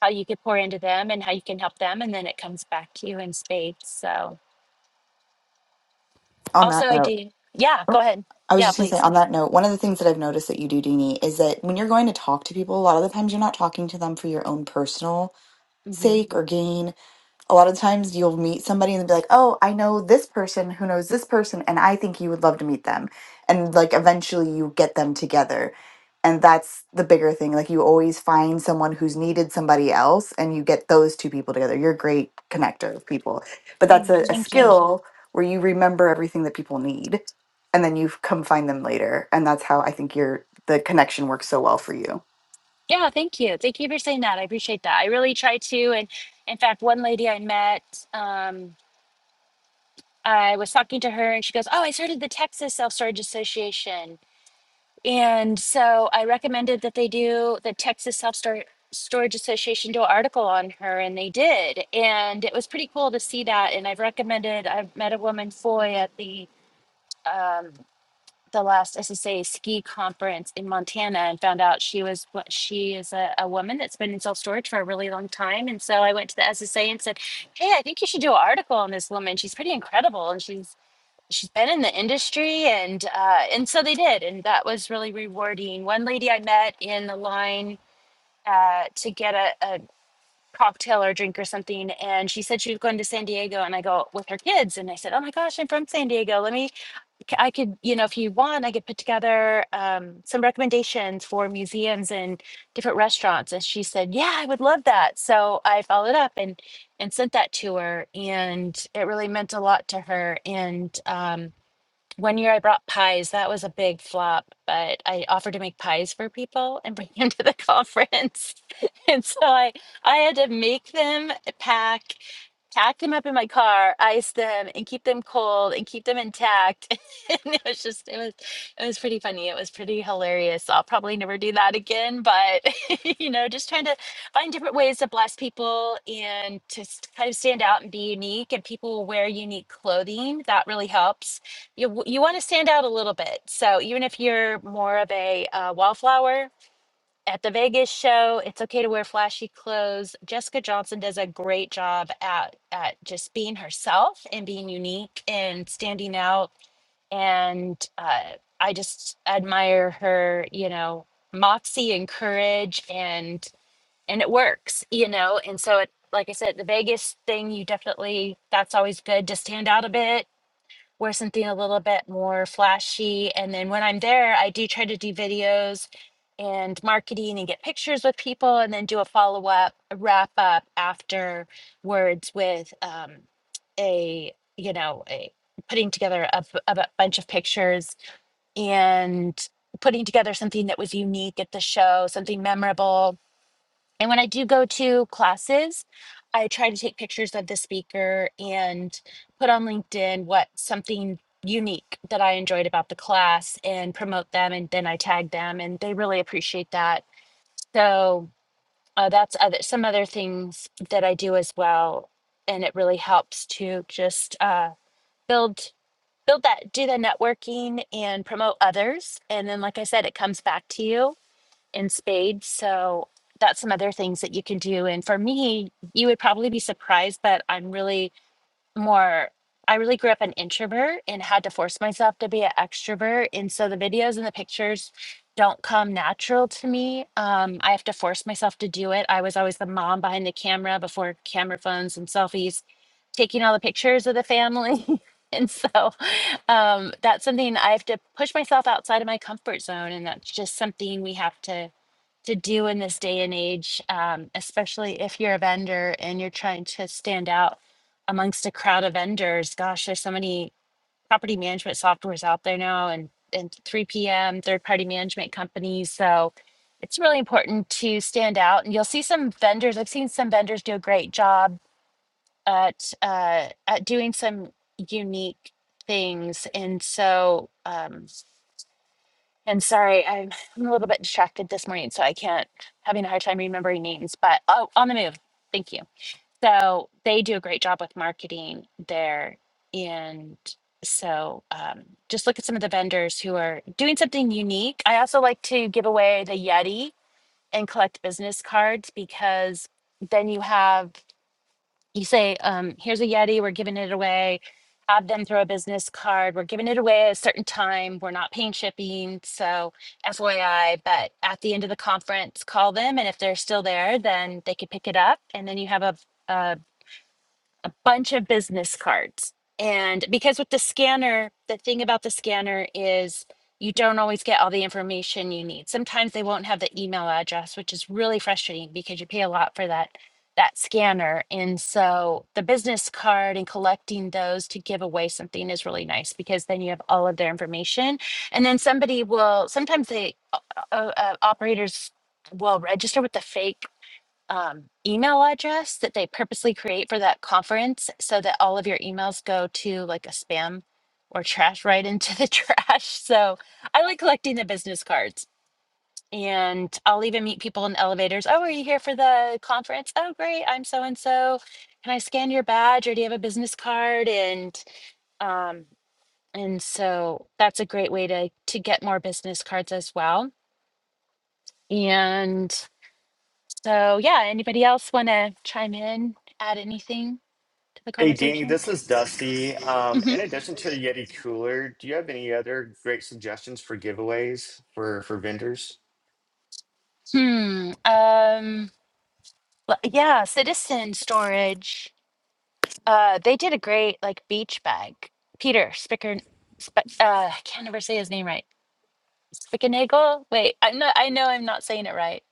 [SPEAKER 4] how you could pour into them and how you can help them and then it comes back to you in spades. So
[SPEAKER 7] on that
[SPEAKER 4] also I
[SPEAKER 7] note.
[SPEAKER 4] do yeah,
[SPEAKER 7] oh,
[SPEAKER 4] go ahead.
[SPEAKER 7] I was
[SPEAKER 4] Yeah,
[SPEAKER 7] just going to say
[SPEAKER 4] please.
[SPEAKER 7] on that note, one of the things that I've noticed that you do, Deanie, is that when you're going to talk to people, a lot of the times you're not talking to them for your own personal
[SPEAKER 4] hmm
[SPEAKER 7] sake or gain a lot of times you'll meet somebody and they'll be like, "Oh, I know this person who knows this person and I think you would love to meet them." And like eventually you get them together. And that's the bigger thing. Like you always find someone who's needed somebody else and you get those two people together. You're a great connector of people. But that's a, a
[SPEAKER 4] thank you.
[SPEAKER 7] skill where you remember everything that people need and then you come find them later. And that's how I think your the connection works so well for you.
[SPEAKER 4] Yeah, thank you. Thank you for saying that. I appreciate that. I really try to and in fact one lady I met um I was talking to her and she goes, Oh, I started the Texas Self Storage Association And so I recommended that they do the Texas Self Stor- Storage Association do an article on her, and they did. And it was pretty cool to see that. And I've recommended, I met a woman, Foy, at the um, the last SSA ski conference in Montana and found out she was what she is a, a woman that's been in self storage for a really long time. And so I went to the SSA and said, Hey, I think you should do an article on this woman. She's pretty incredible. And she's she's been in the industry and uh, and so they did and that was really rewarding one lady i met in the line uh, to get a, a cocktail or a drink or something and she said she was going to san diego and i go with her kids and i said oh my gosh i'm from san diego let me c- i could you know if you want i could put together um, some recommendations for museums and different restaurants and she said yeah i would love that so i followed up and and sent that to her and it really meant a lot to her and um, one year I brought pies. That was a big flop, but I offered to make pies for people and bring [laughs] them to the [laughs] conference. [laughs] And so I I had to make them, pack pack them up in my car, ice them, and keep them cold and keep them intact. [laughs] and it was just it was it was pretty funny. It was pretty hilarious. I'll probably never do that again, but [laughs] you know, just trying to find different ways to bless people and to s- kind of stand out and be unique. And people wear unique clothing that really helps. You w- you want to stand out a little bit. So even if you're more of a uh, wallflower at the Vegas show, it's okay to wear flashy clothes. Jessica Johnson does a great job at at just being herself and being unique and standing out. And uh, I just admire her, you know, moxie and courage, and and it works, you know. And so, it, like I said, the Vegas thing, you definitely that's always good to stand out a bit Wear something a little bit more flashy. And then when I'm there, I do try to do videos and marketing and get pictures with people and then do a follow up, a wrap up afterwards with um, a, you know, a putting together a, b- of a bu- bunch of pictures and putting together something that was unique at the show, something memorable and when I do go to classes, I try to take pictures of the speaker and put on LinkedIn what something unique that I enjoyed about the class and promote them. And then I tag them, and they really appreciate that. So uh, that's other, some other things that I do as well, and it really helps to just uh, build build that do the networking and promote others and then like i said it comes back to you in spades. So that's some other things that you can do. And for me, you would probably be surprised, but I'm really more, I really grew up an introvert and had to force myself to be an extrovert. And so the videos and the pictures don't come natural to me. Um, I have to force myself to do it. I was always the mom behind the camera before camera phones and selfies, taking all the pictures of the family. [laughs] and so um, that's something I have to push myself outside of my comfort zone. And that's just something we have to to do in this day and age, um, especially if you're a vendor and you're trying to stand out amongst a crowd of vendors. Gosh, there's so many property management softwares out there now and, and 3PM, third party management companies. So it's really important to stand out. And you'll see some vendors, I've seen some vendors do a great job at, uh, at doing some unique things. And so, um, and sorry, I'm, I'm a little bit distracted this morning, so I can't having a hard time remembering names, but oh, on the move. Thank you. So they do a great job with marketing there. And so um, just look at some of the vendors who are doing something unique. I also like to give away the Yeti and collect business cards because then you have you say, um, here's a Yeti, we're giving it away. Have them throw a business card. We're giving it away at a certain time. We're not paying shipping. So, FYI, but at the end of the conference, call them. And if they're still there, then they could pick it up. And then you have a, a a bunch of business cards. And because with the scanner, the thing about the scanner is you don't always get all the information you need. Sometimes they won't have the email address, which is really frustrating because you pay a lot for that that scanner. And so the business card and collecting those to give away something is really nice because then you have all of their information. And then somebody will sometimes they uh, uh, uh, operators will register with the fake um, email address that they purposely create for that conference so that all of your emails go to like a spam or trash right into the [laughs] trash. So I like collecting the business cards. And I'll even meet people in elevators. Oh, are you here for the conference? Oh, great. I'm so and so. Can I scan your badge or do you have a business card? And um, and so that's a great way to to get more business cards as well. And so yeah, anybody else want to chime in, add anything? to the
[SPEAKER 5] Hey, Dean,
[SPEAKER 4] conversation?
[SPEAKER 5] this is Dusty. Um,
[SPEAKER 4] hmm
[SPEAKER 5] in addition to the Yeti Cooler, do you have any other great suggestions for giveaways for for vendors?
[SPEAKER 4] Hmm. Um. l- Yeah. Citizen Storage. Uh. They did a great like beach bag. Peter Spicker. Sp- uh. I can't ever say his name right. Spickernagel. Wait. I am not. I know. I'm not saying it right.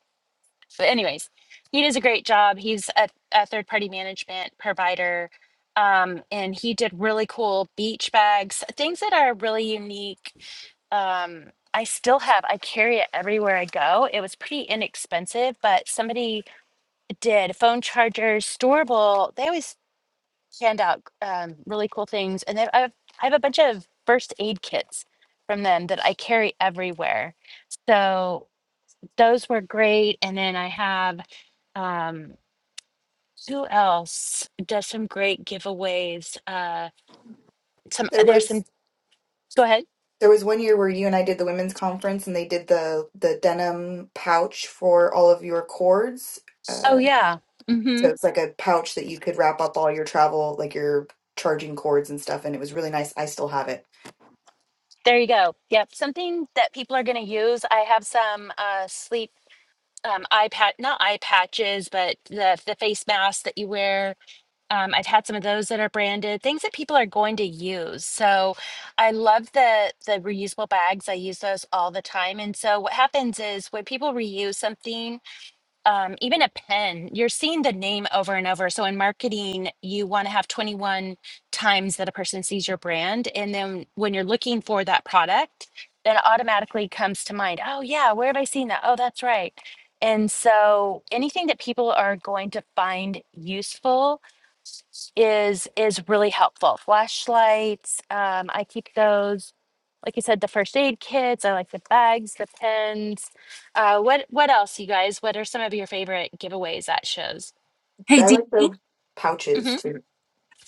[SPEAKER 4] But anyways, he does a great job. He's a, a third party management provider. Um, and he did really cool beach bags, things that are really unique um I still have I carry it everywhere I go. It was pretty inexpensive, but somebody did phone chargers, storable. They always hand out um, really cool things, and they I have, I have a bunch of first aid kits from them that I carry everywhere. So those were great, and then I have um, who else does some great giveaways? Uh, some
[SPEAKER 7] There
[SPEAKER 4] there's
[SPEAKER 7] was
[SPEAKER 4] some. Go ahead.
[SPEAKER 7] There was one year where you and I did the women's conference, and they did the the denim pouch for all of your cords.
[SPEAKER 4] Oh
[SPEAKER 7] Uh,
[SPEAKER 4] yeah. mm-hmm.
[SPEAKER 7] so it's like a pouch that you could wrap up all your travel, like your charging cords and stuff, and it was really nice. I still have it.
[SPEAKER 4] There you go. Yep. Something that people are going to use. I have some uh, sleep um, eye pat, not eye patches, but the the face mask that you wear. Um, I've had some of those that are branded. Things that people are going to use. So I love the the reusable bags. I use those all the time. And so what happens is when people reuse something um, even a pen, you're seeing the name over and over. So in marketing, you want to have 21 times that a person sees your brand. And then when you're looking for that product, then it automatically comes to mind, oh, yeah, where have I seen that? Oh, that's right. And so anything that people are going to find useful is is really helpful. Flashlights, um, I keep those. Like you said, the first aid kits. I like the bags, the pens. Uh, what what else, you guys? What are some of your favorite giveaways at shows?
[SPEAKER 9] Hey,
[SPEAKER 7] I
[SPEAKER 9] Dee.
[SPEAKER 7] like the pouches
[SPEAKER 4] Mm-hmm.
[SPEAKER 7] too.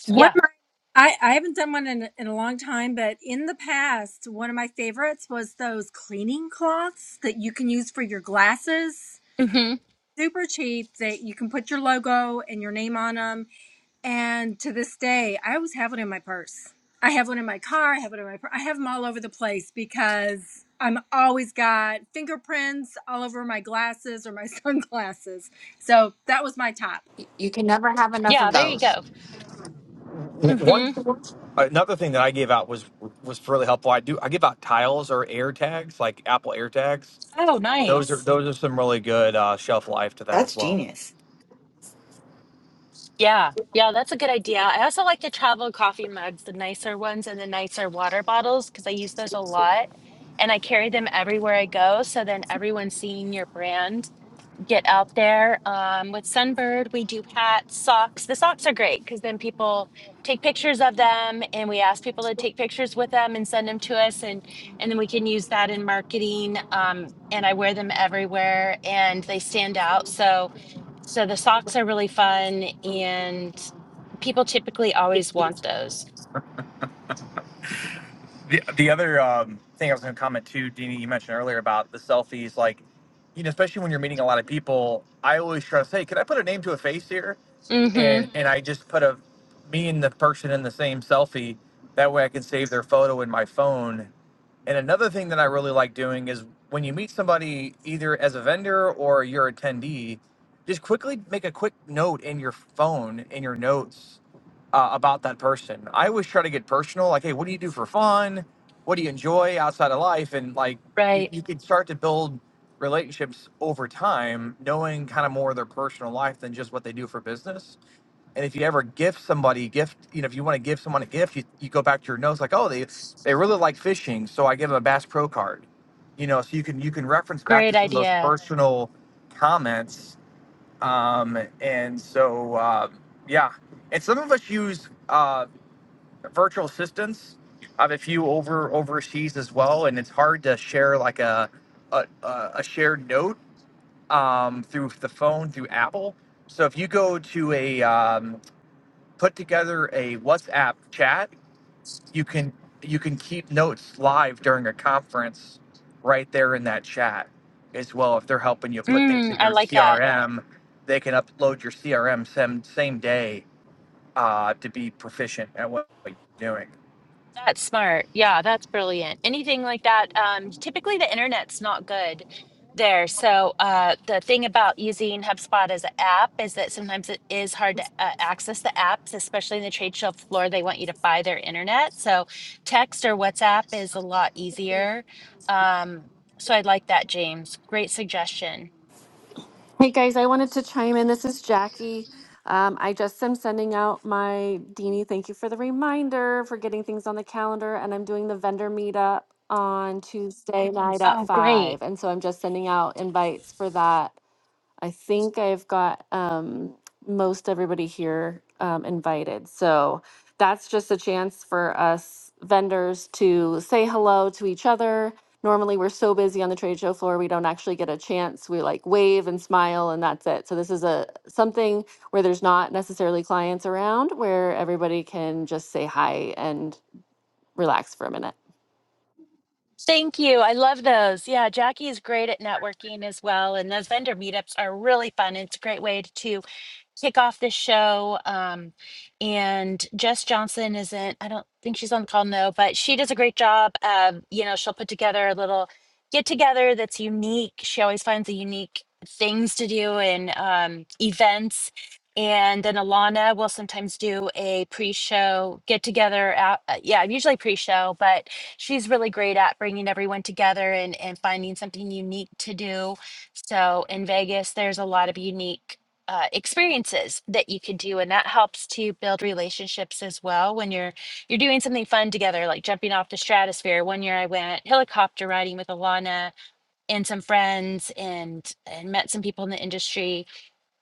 [SPEAKER 9] One
[SPEAKER 7] Sorry,
[SPEAKER 9] of
[SPEAKER 4] Yeah.
[SPEAKER 9] my, I, I haven't done one in, in a long time, but in the past, one of my favorites was those cleaning cloths that you can use for your glasses.
[SPEAKER 4] Mm-hmm.
[SPEAKER 9] Super cheap that you can put your logo and your name on them And to this day, I always have one in my purse. I have one in my car. I have one in my. Pur- I have them all over the place because I'm always got fingerprints all over my glasses or my [laughs] sunglasses. So that was my top.
[SPEAKER 1] Y- You can never have enough
[SPEAKER 4] Yeah.
[SPEAKER 1] of
[SPEAKER 4] There you
[SPEAKER 1] those.
[SPEAKER 4] go.
[SPEAKER 8] One
[SPEAKER 4] Mm-hmm.
[SPEAKER 8] another thing that I gave out was was really helpful. I do I give out tiles or air tags, like Apple air tags.
[SPEAKER 4] Oh,
[SPEAKER 8] Those are
[SPEAKER 4] nice.
[SPEAKER 8] those are some really good uh, shelf life to that
[SPEAKER 7] that's
[SPEAKER 8] as well.
[SPEAKER 7] genius.
[SPEAKER 4] Yeah. Yeah, that's a good idea. I also like the travel coffee mugs, the nicer ones and the nicer water bottles, because I use those a lot and I carry them everywhere I go. So then everyone's seeing your brand get out there. Um, with Sunbird, we do hats, socks. The socks are great because then people take pictures of them, and we ask people to take pictures with them and send them to us, and and then we can use that in marketing. Um, and I wear them everywhere, and they stand out. So so the socks are really fun, and people typically always want those.
[SPEAKER 8] The, the other um, thing I was going to comment too, Deanie, you mentioned earlier about the selfies. Like, you know, especially when you're meeting a lot of people, I always try to say, "Can I put a name to a face here?"
[SPEAKER 4] Mm-hmm.
[SPEAKER 8] And and I just put a me and the person in the same selfie. That way, I can save their photo in my phone. And another thing that I really like doing is when you meet somebody, either as a vendor or your attendee, just quickly make a quick note in your phone in your notes uh, about that person. I always try to get personal, like, hey, what do you do for fun? What do you enjoy outside of life? And like, you,
[SPEAKER 4] Right.
[SPEAKER 8] you can start to build relationships over time, knowing kind of more of their personal life than just what they do for business. And if you ever gift somebody, gift, you know, if you want to give someone a gift, you, you go back to your notes, like, oh, they they really like fishing, so I give them a Bass Pro card. You know, so you can you can reference back to
[SPEAKER 4] Great
[SPEAKER 8] some of those
[SPEAKER 4] idea.
[SPEAKER 8] personal comments um, and so, uh, yeah, and some of us use uh, virtual assistants. I have a few over overseas as well, and it's hard to share like a a, a a shared note um, through the phone through Apple. So if you go to a um, put together a WhatsApp chat you can you can keep notes live during a conference right there in that chat as well if they're helping you put things
[SPEAKER 4] Mm,
[SPEAKER 8] in
[SPEAKER 4] I
[SPEAKER 8] your
[SPEAKER 4] like that.
[SPEAKER 8] crm they can upload your crm same, same day uh, to be proficient at what you're doing
[SPEAKER 4] That's smart. Yeah, that's brilliant. Anything like that. Um, typically, the internet's not good there. So uh, the thing about using HubSpot as an app is that sometimes it is hard to uh, access the apps, especially in the trade show floor. They want you to buy their internet. So text or WhatsApp is a lot easier. Um, so I like that, James. Great suggestion.
[SPEAKER 10] Hey guys, I wanted to chime in. This is Jackie. Um, I just am sending out my Deanie. Thank you for the reminder for getting things on the calendar. And I'm doing the vendor meetup on Tuesday night at
[SPEAKER 4] Oh, great.
[SPEAKER 10] five. And so I'm just sending out invites for that. I think I've got um, most everybody here um, invited. So that's just a chance for us vendors to say hello to each other. Normally, we're so busy on the trade show floor, we don't actually get a chance. We like wave and smile, and that's it. So this is a something where there's not necessarily clients around, where everybody can just say hi and relax for a minute.
[SPEAKER 4] Thank you. I love those. Yeah, Jackie is great at networking as well. And those vendor meetups are really fun. It's a great way to kick off this show. Um, and Jess Johnson isn't, I don't think she's on the call, no, but she does a great job. Um, you know, she'll put together a little get together that's unique. She always finds the unique things to do and um, events. And then Alana will sometimes do a pre-show get together out. uh, Yeah, usually pre-show, but she's really great at bringing everyone together and, and finding something unique to do. So in Vegas, there's a lot of unique uh, experiences that you can do and that helps to build relationships as well when you're you're doing something fun together like jumping off the stratosphere one year i went helicopter riding with alana and some friends and and met some people in the industry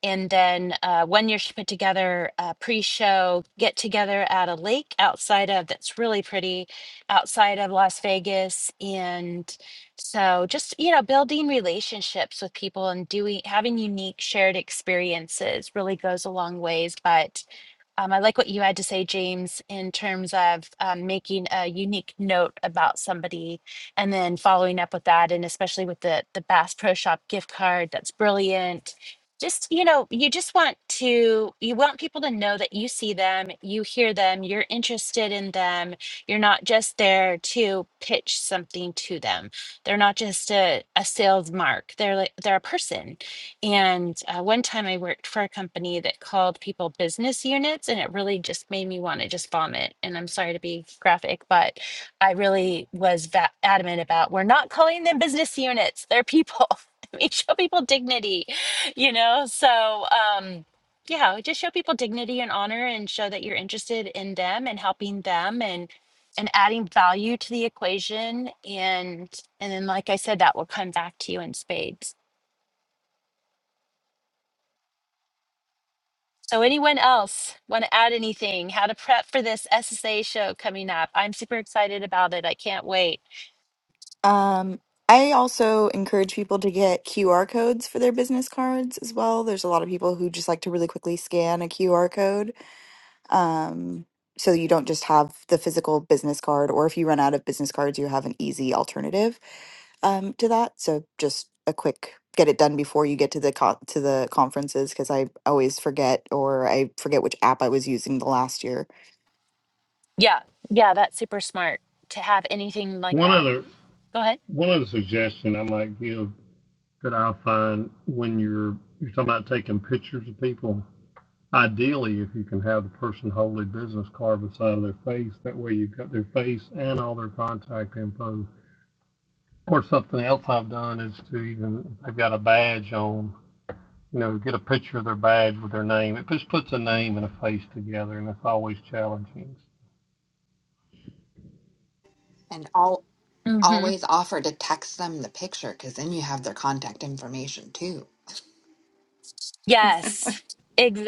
[SPEAKER 4] and then uh, one year she put together a pre-show get together at a lake outside of that's really pretty outside of las vegas and so just you know building relationships with people and doing having unique shared experiences really goes a long ways but um, I like what you had to say, James, in terms of um, making a unique note about somebody and then following up with that, and especially with the the Bass Pro Shop gift card. That's brilliant. Just you know, you just want to you want people to know that you see them, you hear them, you're interested in them. You're not just there to pitch something to them. They're not just a, a sales mark. They're like they're a person and uh, one time I worked for a company that called people business units, and it really just made me want to just vomit. And I'm sorry to be graphic, but I really was va- adamant about we're not calling them business units, they're people. [laughs] we show people dignity, you know? So, um, yeah, just show people dignity and honor and show that you're interested in them and helping them and and adding value to the equation and and then like I said that will come back to you in spades. So, anyone else want to add anything? How to prep for this SSA show coming up? I'm super excited about it. I can't wait.
[SPEAKER 7] Um, I also encourage people to get QR codes for their business cards as well. There's a lot of people who just like to really quickly scan a QR code. Um, so you don't just have the physical business card, or if you run out of business cards, you have an easy alternative um, to that. So just a quick get it done before you get to the co- to the conferences because I always forget or I forget which app I was using the last year.
[SPEAKER 4] Yeah, yeah, that's super smart to have anything like
[SPEAKER 6] One
[SPEAKER 4] that.
[SPEAKER 6] other
[SPEAKER 4] Go ahead.
[SPEAKER 6] one other suggestion I might give that I find when you're you're talking about taking pictures of people, ideally if you can have the person hold a business card beside their face, that way you've got their face and all their contact info. Or something else I've done is to even if they've got a badge on, you know, get a picture of their badge with their name. It just puts a name and a face together and it's always challenging.
[SPEAKER 1] And all
[SPEAKER 4] Mm-hmm.
[SPEAKER 1] always offer to text them the picture because then you have their contact information too.
[SPEAKER 4] Yes,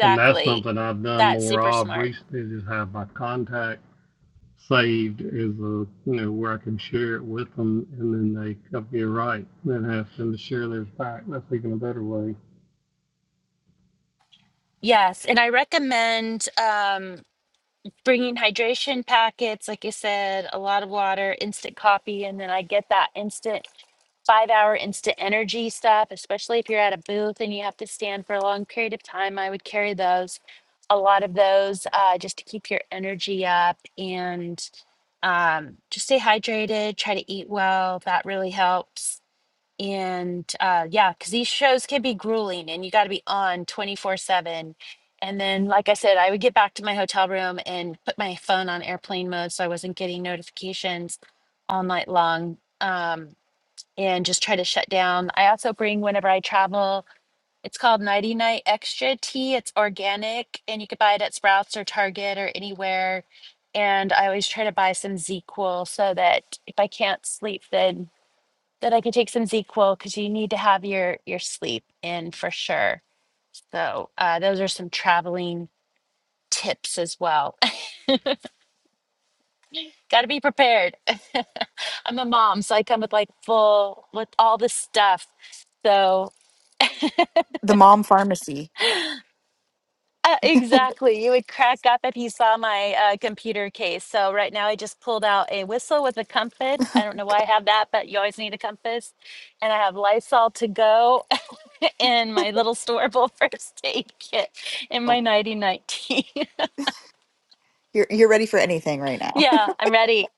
[SPEAKER 6] And that's something I've done
[SPEAKER 4] That's
[SPEAKER 6] more
[SPEAKER 4] super
[SPEAKER 6] of
[SPEAKER 4] smart.
[SPEAKER 6] recently, is just have my contact saved as a, you know, where I can share it with them and then they copy it right and then ask them to share theirs back. That's even a better way.
[SPEAKER 4] Yes, and I recommend um, bringing hydration packets, like you said, a lot of water, instant coffee, and then I get that instant five hour instant energy stuff, especially if you're at a booth and you have to stand for a long period of time, I would carry those. A lot of those uh, just to keep your energy up and um, just stay hydrated, try to eat well. That really helps. And uh, yeah, because these shows can be grueling and you got to be on 24 7. And then, like I said, I would get back to my hotel room and put my phone on airplane mode so I wasn't getting notifications all night long. Um, and just try to shut down. I also bring whenever I travel. It's called Nighty Night Extra Tea. It's organic and you could buy it at Sprouts or Target or anywhere. And I always try to buy some ZQL so that if I can't sleep, then that I can take some ZQL because you need to have your your sleep in for sure. So uh, those are some traveling tips as well. [laughs] Got to be prepared. [laughs] I'm a mom, so I come with like full with all this stuff. So
[SPEAKER 7] The Mom Pharmacy.
[SPEAKER 4] Uh, exactly. You would crack up if you saw my uh, computer case. So right now I just pulled out a whistle with a compass. I don't know why I have that, but you always need a compass. And I have Lysol to go [laughs] and my little storable [laughs] first aid kit and
[SPEAKER 7] Oh,
[SPEAKER 4] my nighty night tea.
[SPEAKER 7] you're you're ready for anything right
[SPEAKER 4] [laughs]
[SPEAKER 7] now.
[SPEAKER 4] yeah, I'm ready.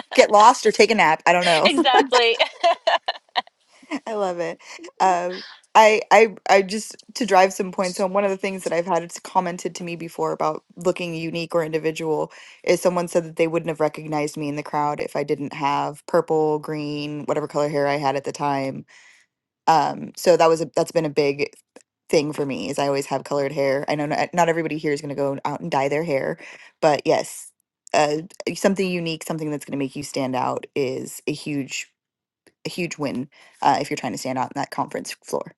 [SPEAKER 7] [laughs] Get lost or take a nap. I don't know.
[SPEAKER 4] [laughs] exactly.
[SPEAKER 7] I love it. Um, I, I, I just to drive some points home. One of the things that I've had it's commented to me before about looking unique or individual is someone said that they wouldn't have recognized me in the crowd if I didn't have purple, green, whatever color hair I had at the time. Um, so that was a, that's been a big thing for me is I always have colored hair. I know not, not everybody here is going to go out and dye their hair, but yes, uh, something unique, something that's going to make you stand out is a huge a huge win uh, if you're trying to stand out in that conference floor.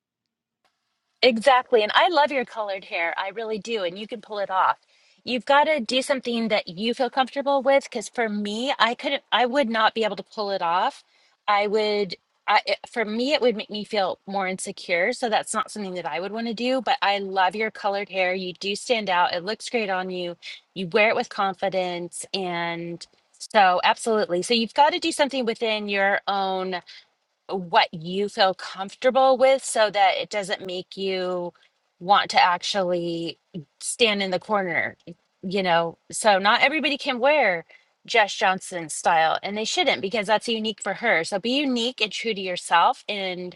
[SPEAKER 4] Exactly. And I love your colored hair. I really do. And you can pull it off. You've got to do something that you feel comfortable with. Because for me, I couldn't, I would not be able to pull it off. I would, I, it- for me, it would make me feel more insecure. So that's not something that I would want to do. But I love your colored hair. You do stand out. It looks great on you. You wear it with confidence. And so, absolutely. So you've got to do something within your own what you feel comfortable with so that it doesn't make you want to actually stand in the corner you know so not everybody can wear Jess Johnson's style and they shouldn't because that's unique for her so be unique and true to yourself and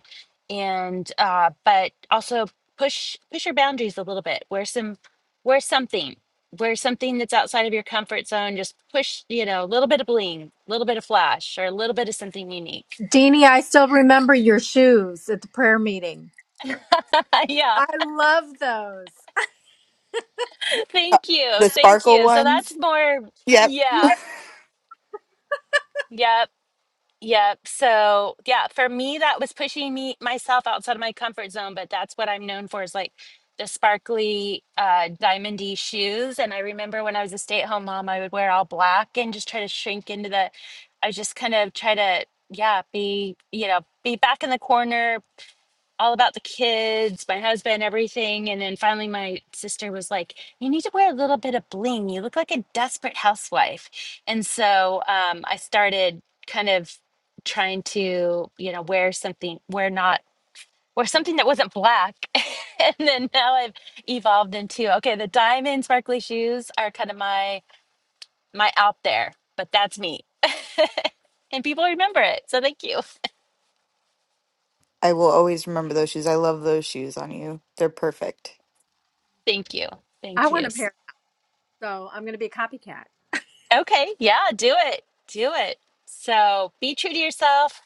[SPEAKER 4] and uh but also push push your boundaries a little bit wear some wear something wear something that's outside of your comfort zone just push you know a little bit of bling a little bit of flash or a little bit of something unique
[SPEAKER 9] Deanie, I still remember your shoes at the prayer meeting.
[SPEAKER 4] [laughs] yeah
[SPEAKER 9] I love those.
[SPEAKER 7] Uh,
[SPEAKER 4] Thank you.
[SPEAKER 7] the
[SPEAKER 4] Thank
[SPEAKER 7] sparkle
[SPEAKER 4] you. So that's
[SPEAKER 7] ones.
[SPEAKER 4] more,
[SPEAKER 7] Yep. [laughs]
[SPEAKER 4] yeah,
[SPEAKER 9] Yeah.
[SPEAKER 4] yep, yep. So, yeah, for me, that was pushing me myself outside of my comfort zone, but that's what I'm known for is like the sparkly uh diamondy shoes. And I remember when I was a stay-at-home mom, I would wear all black and just try to shrink into the, I just kind of try to, yeah, be, you know, be back in the corner, all about the kids, my husband, everything. And then finally, my sister was like, You need to wear a little bit of bling. You look like a desperate housewife. And so um, I started kind of trying to, you know, wear something, wear not, wear something that wasn't black. [laughs] and then now I've evolved into, okay, the diamond sparkly shoes are kind of my, my out there, but that's me. And people remember it. So thank you.
[SPEAKER 7] I will always remember those shoes. I love those shoes on you. They're perfect.
[SPEAKER 4] Thank you.
[SPEAKER 9] I
[SPEAKER 4] Thank
[SPEAKER 9] want
[SPEAKER 4] you.
[SPEAKER 9] a
[SPEAKER 4] so
[SPEAKER 9] pair, so I'm going to be a copycat.
[SPEAKER 4] Okay, yeah, do it. Do it. So be true to yourself,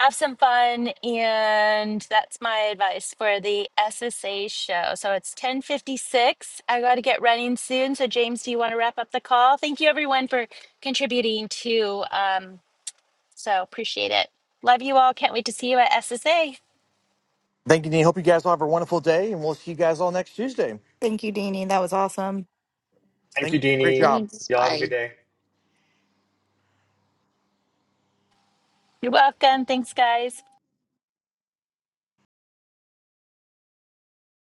[SPEAKER 4] have some fun, and that's my advice for the SSA show. So it's 1056. I gotta get running soon. So James, do you want to wrap up the call? Thank you everyone for contributing to um so appreciate it. Love you all. Can't wait to see you at SSA.
[SPEAKER 8] Thank you, Dean. Hope you guys all have a wonderful day, and we'll see you guys all next Tuesday.
[SPEAKER 7] Thank you, Deanie. That was awesome.
[SPEAKER 5] Thank
[SPEAKER 8] Thank,
[SPEAKER 5] you,
[SPEAKER 8] great
[SPEAKER 5] Dini.
[SPEAKER 8] job.
[SPEAKER 1] Thanks.
[SPEAKER 5] Y'all have a
[SPEAKER 1] Bye.
[SPEAKER 5] good day.
[SPEAKER 4] You're welcome. Thanks guys.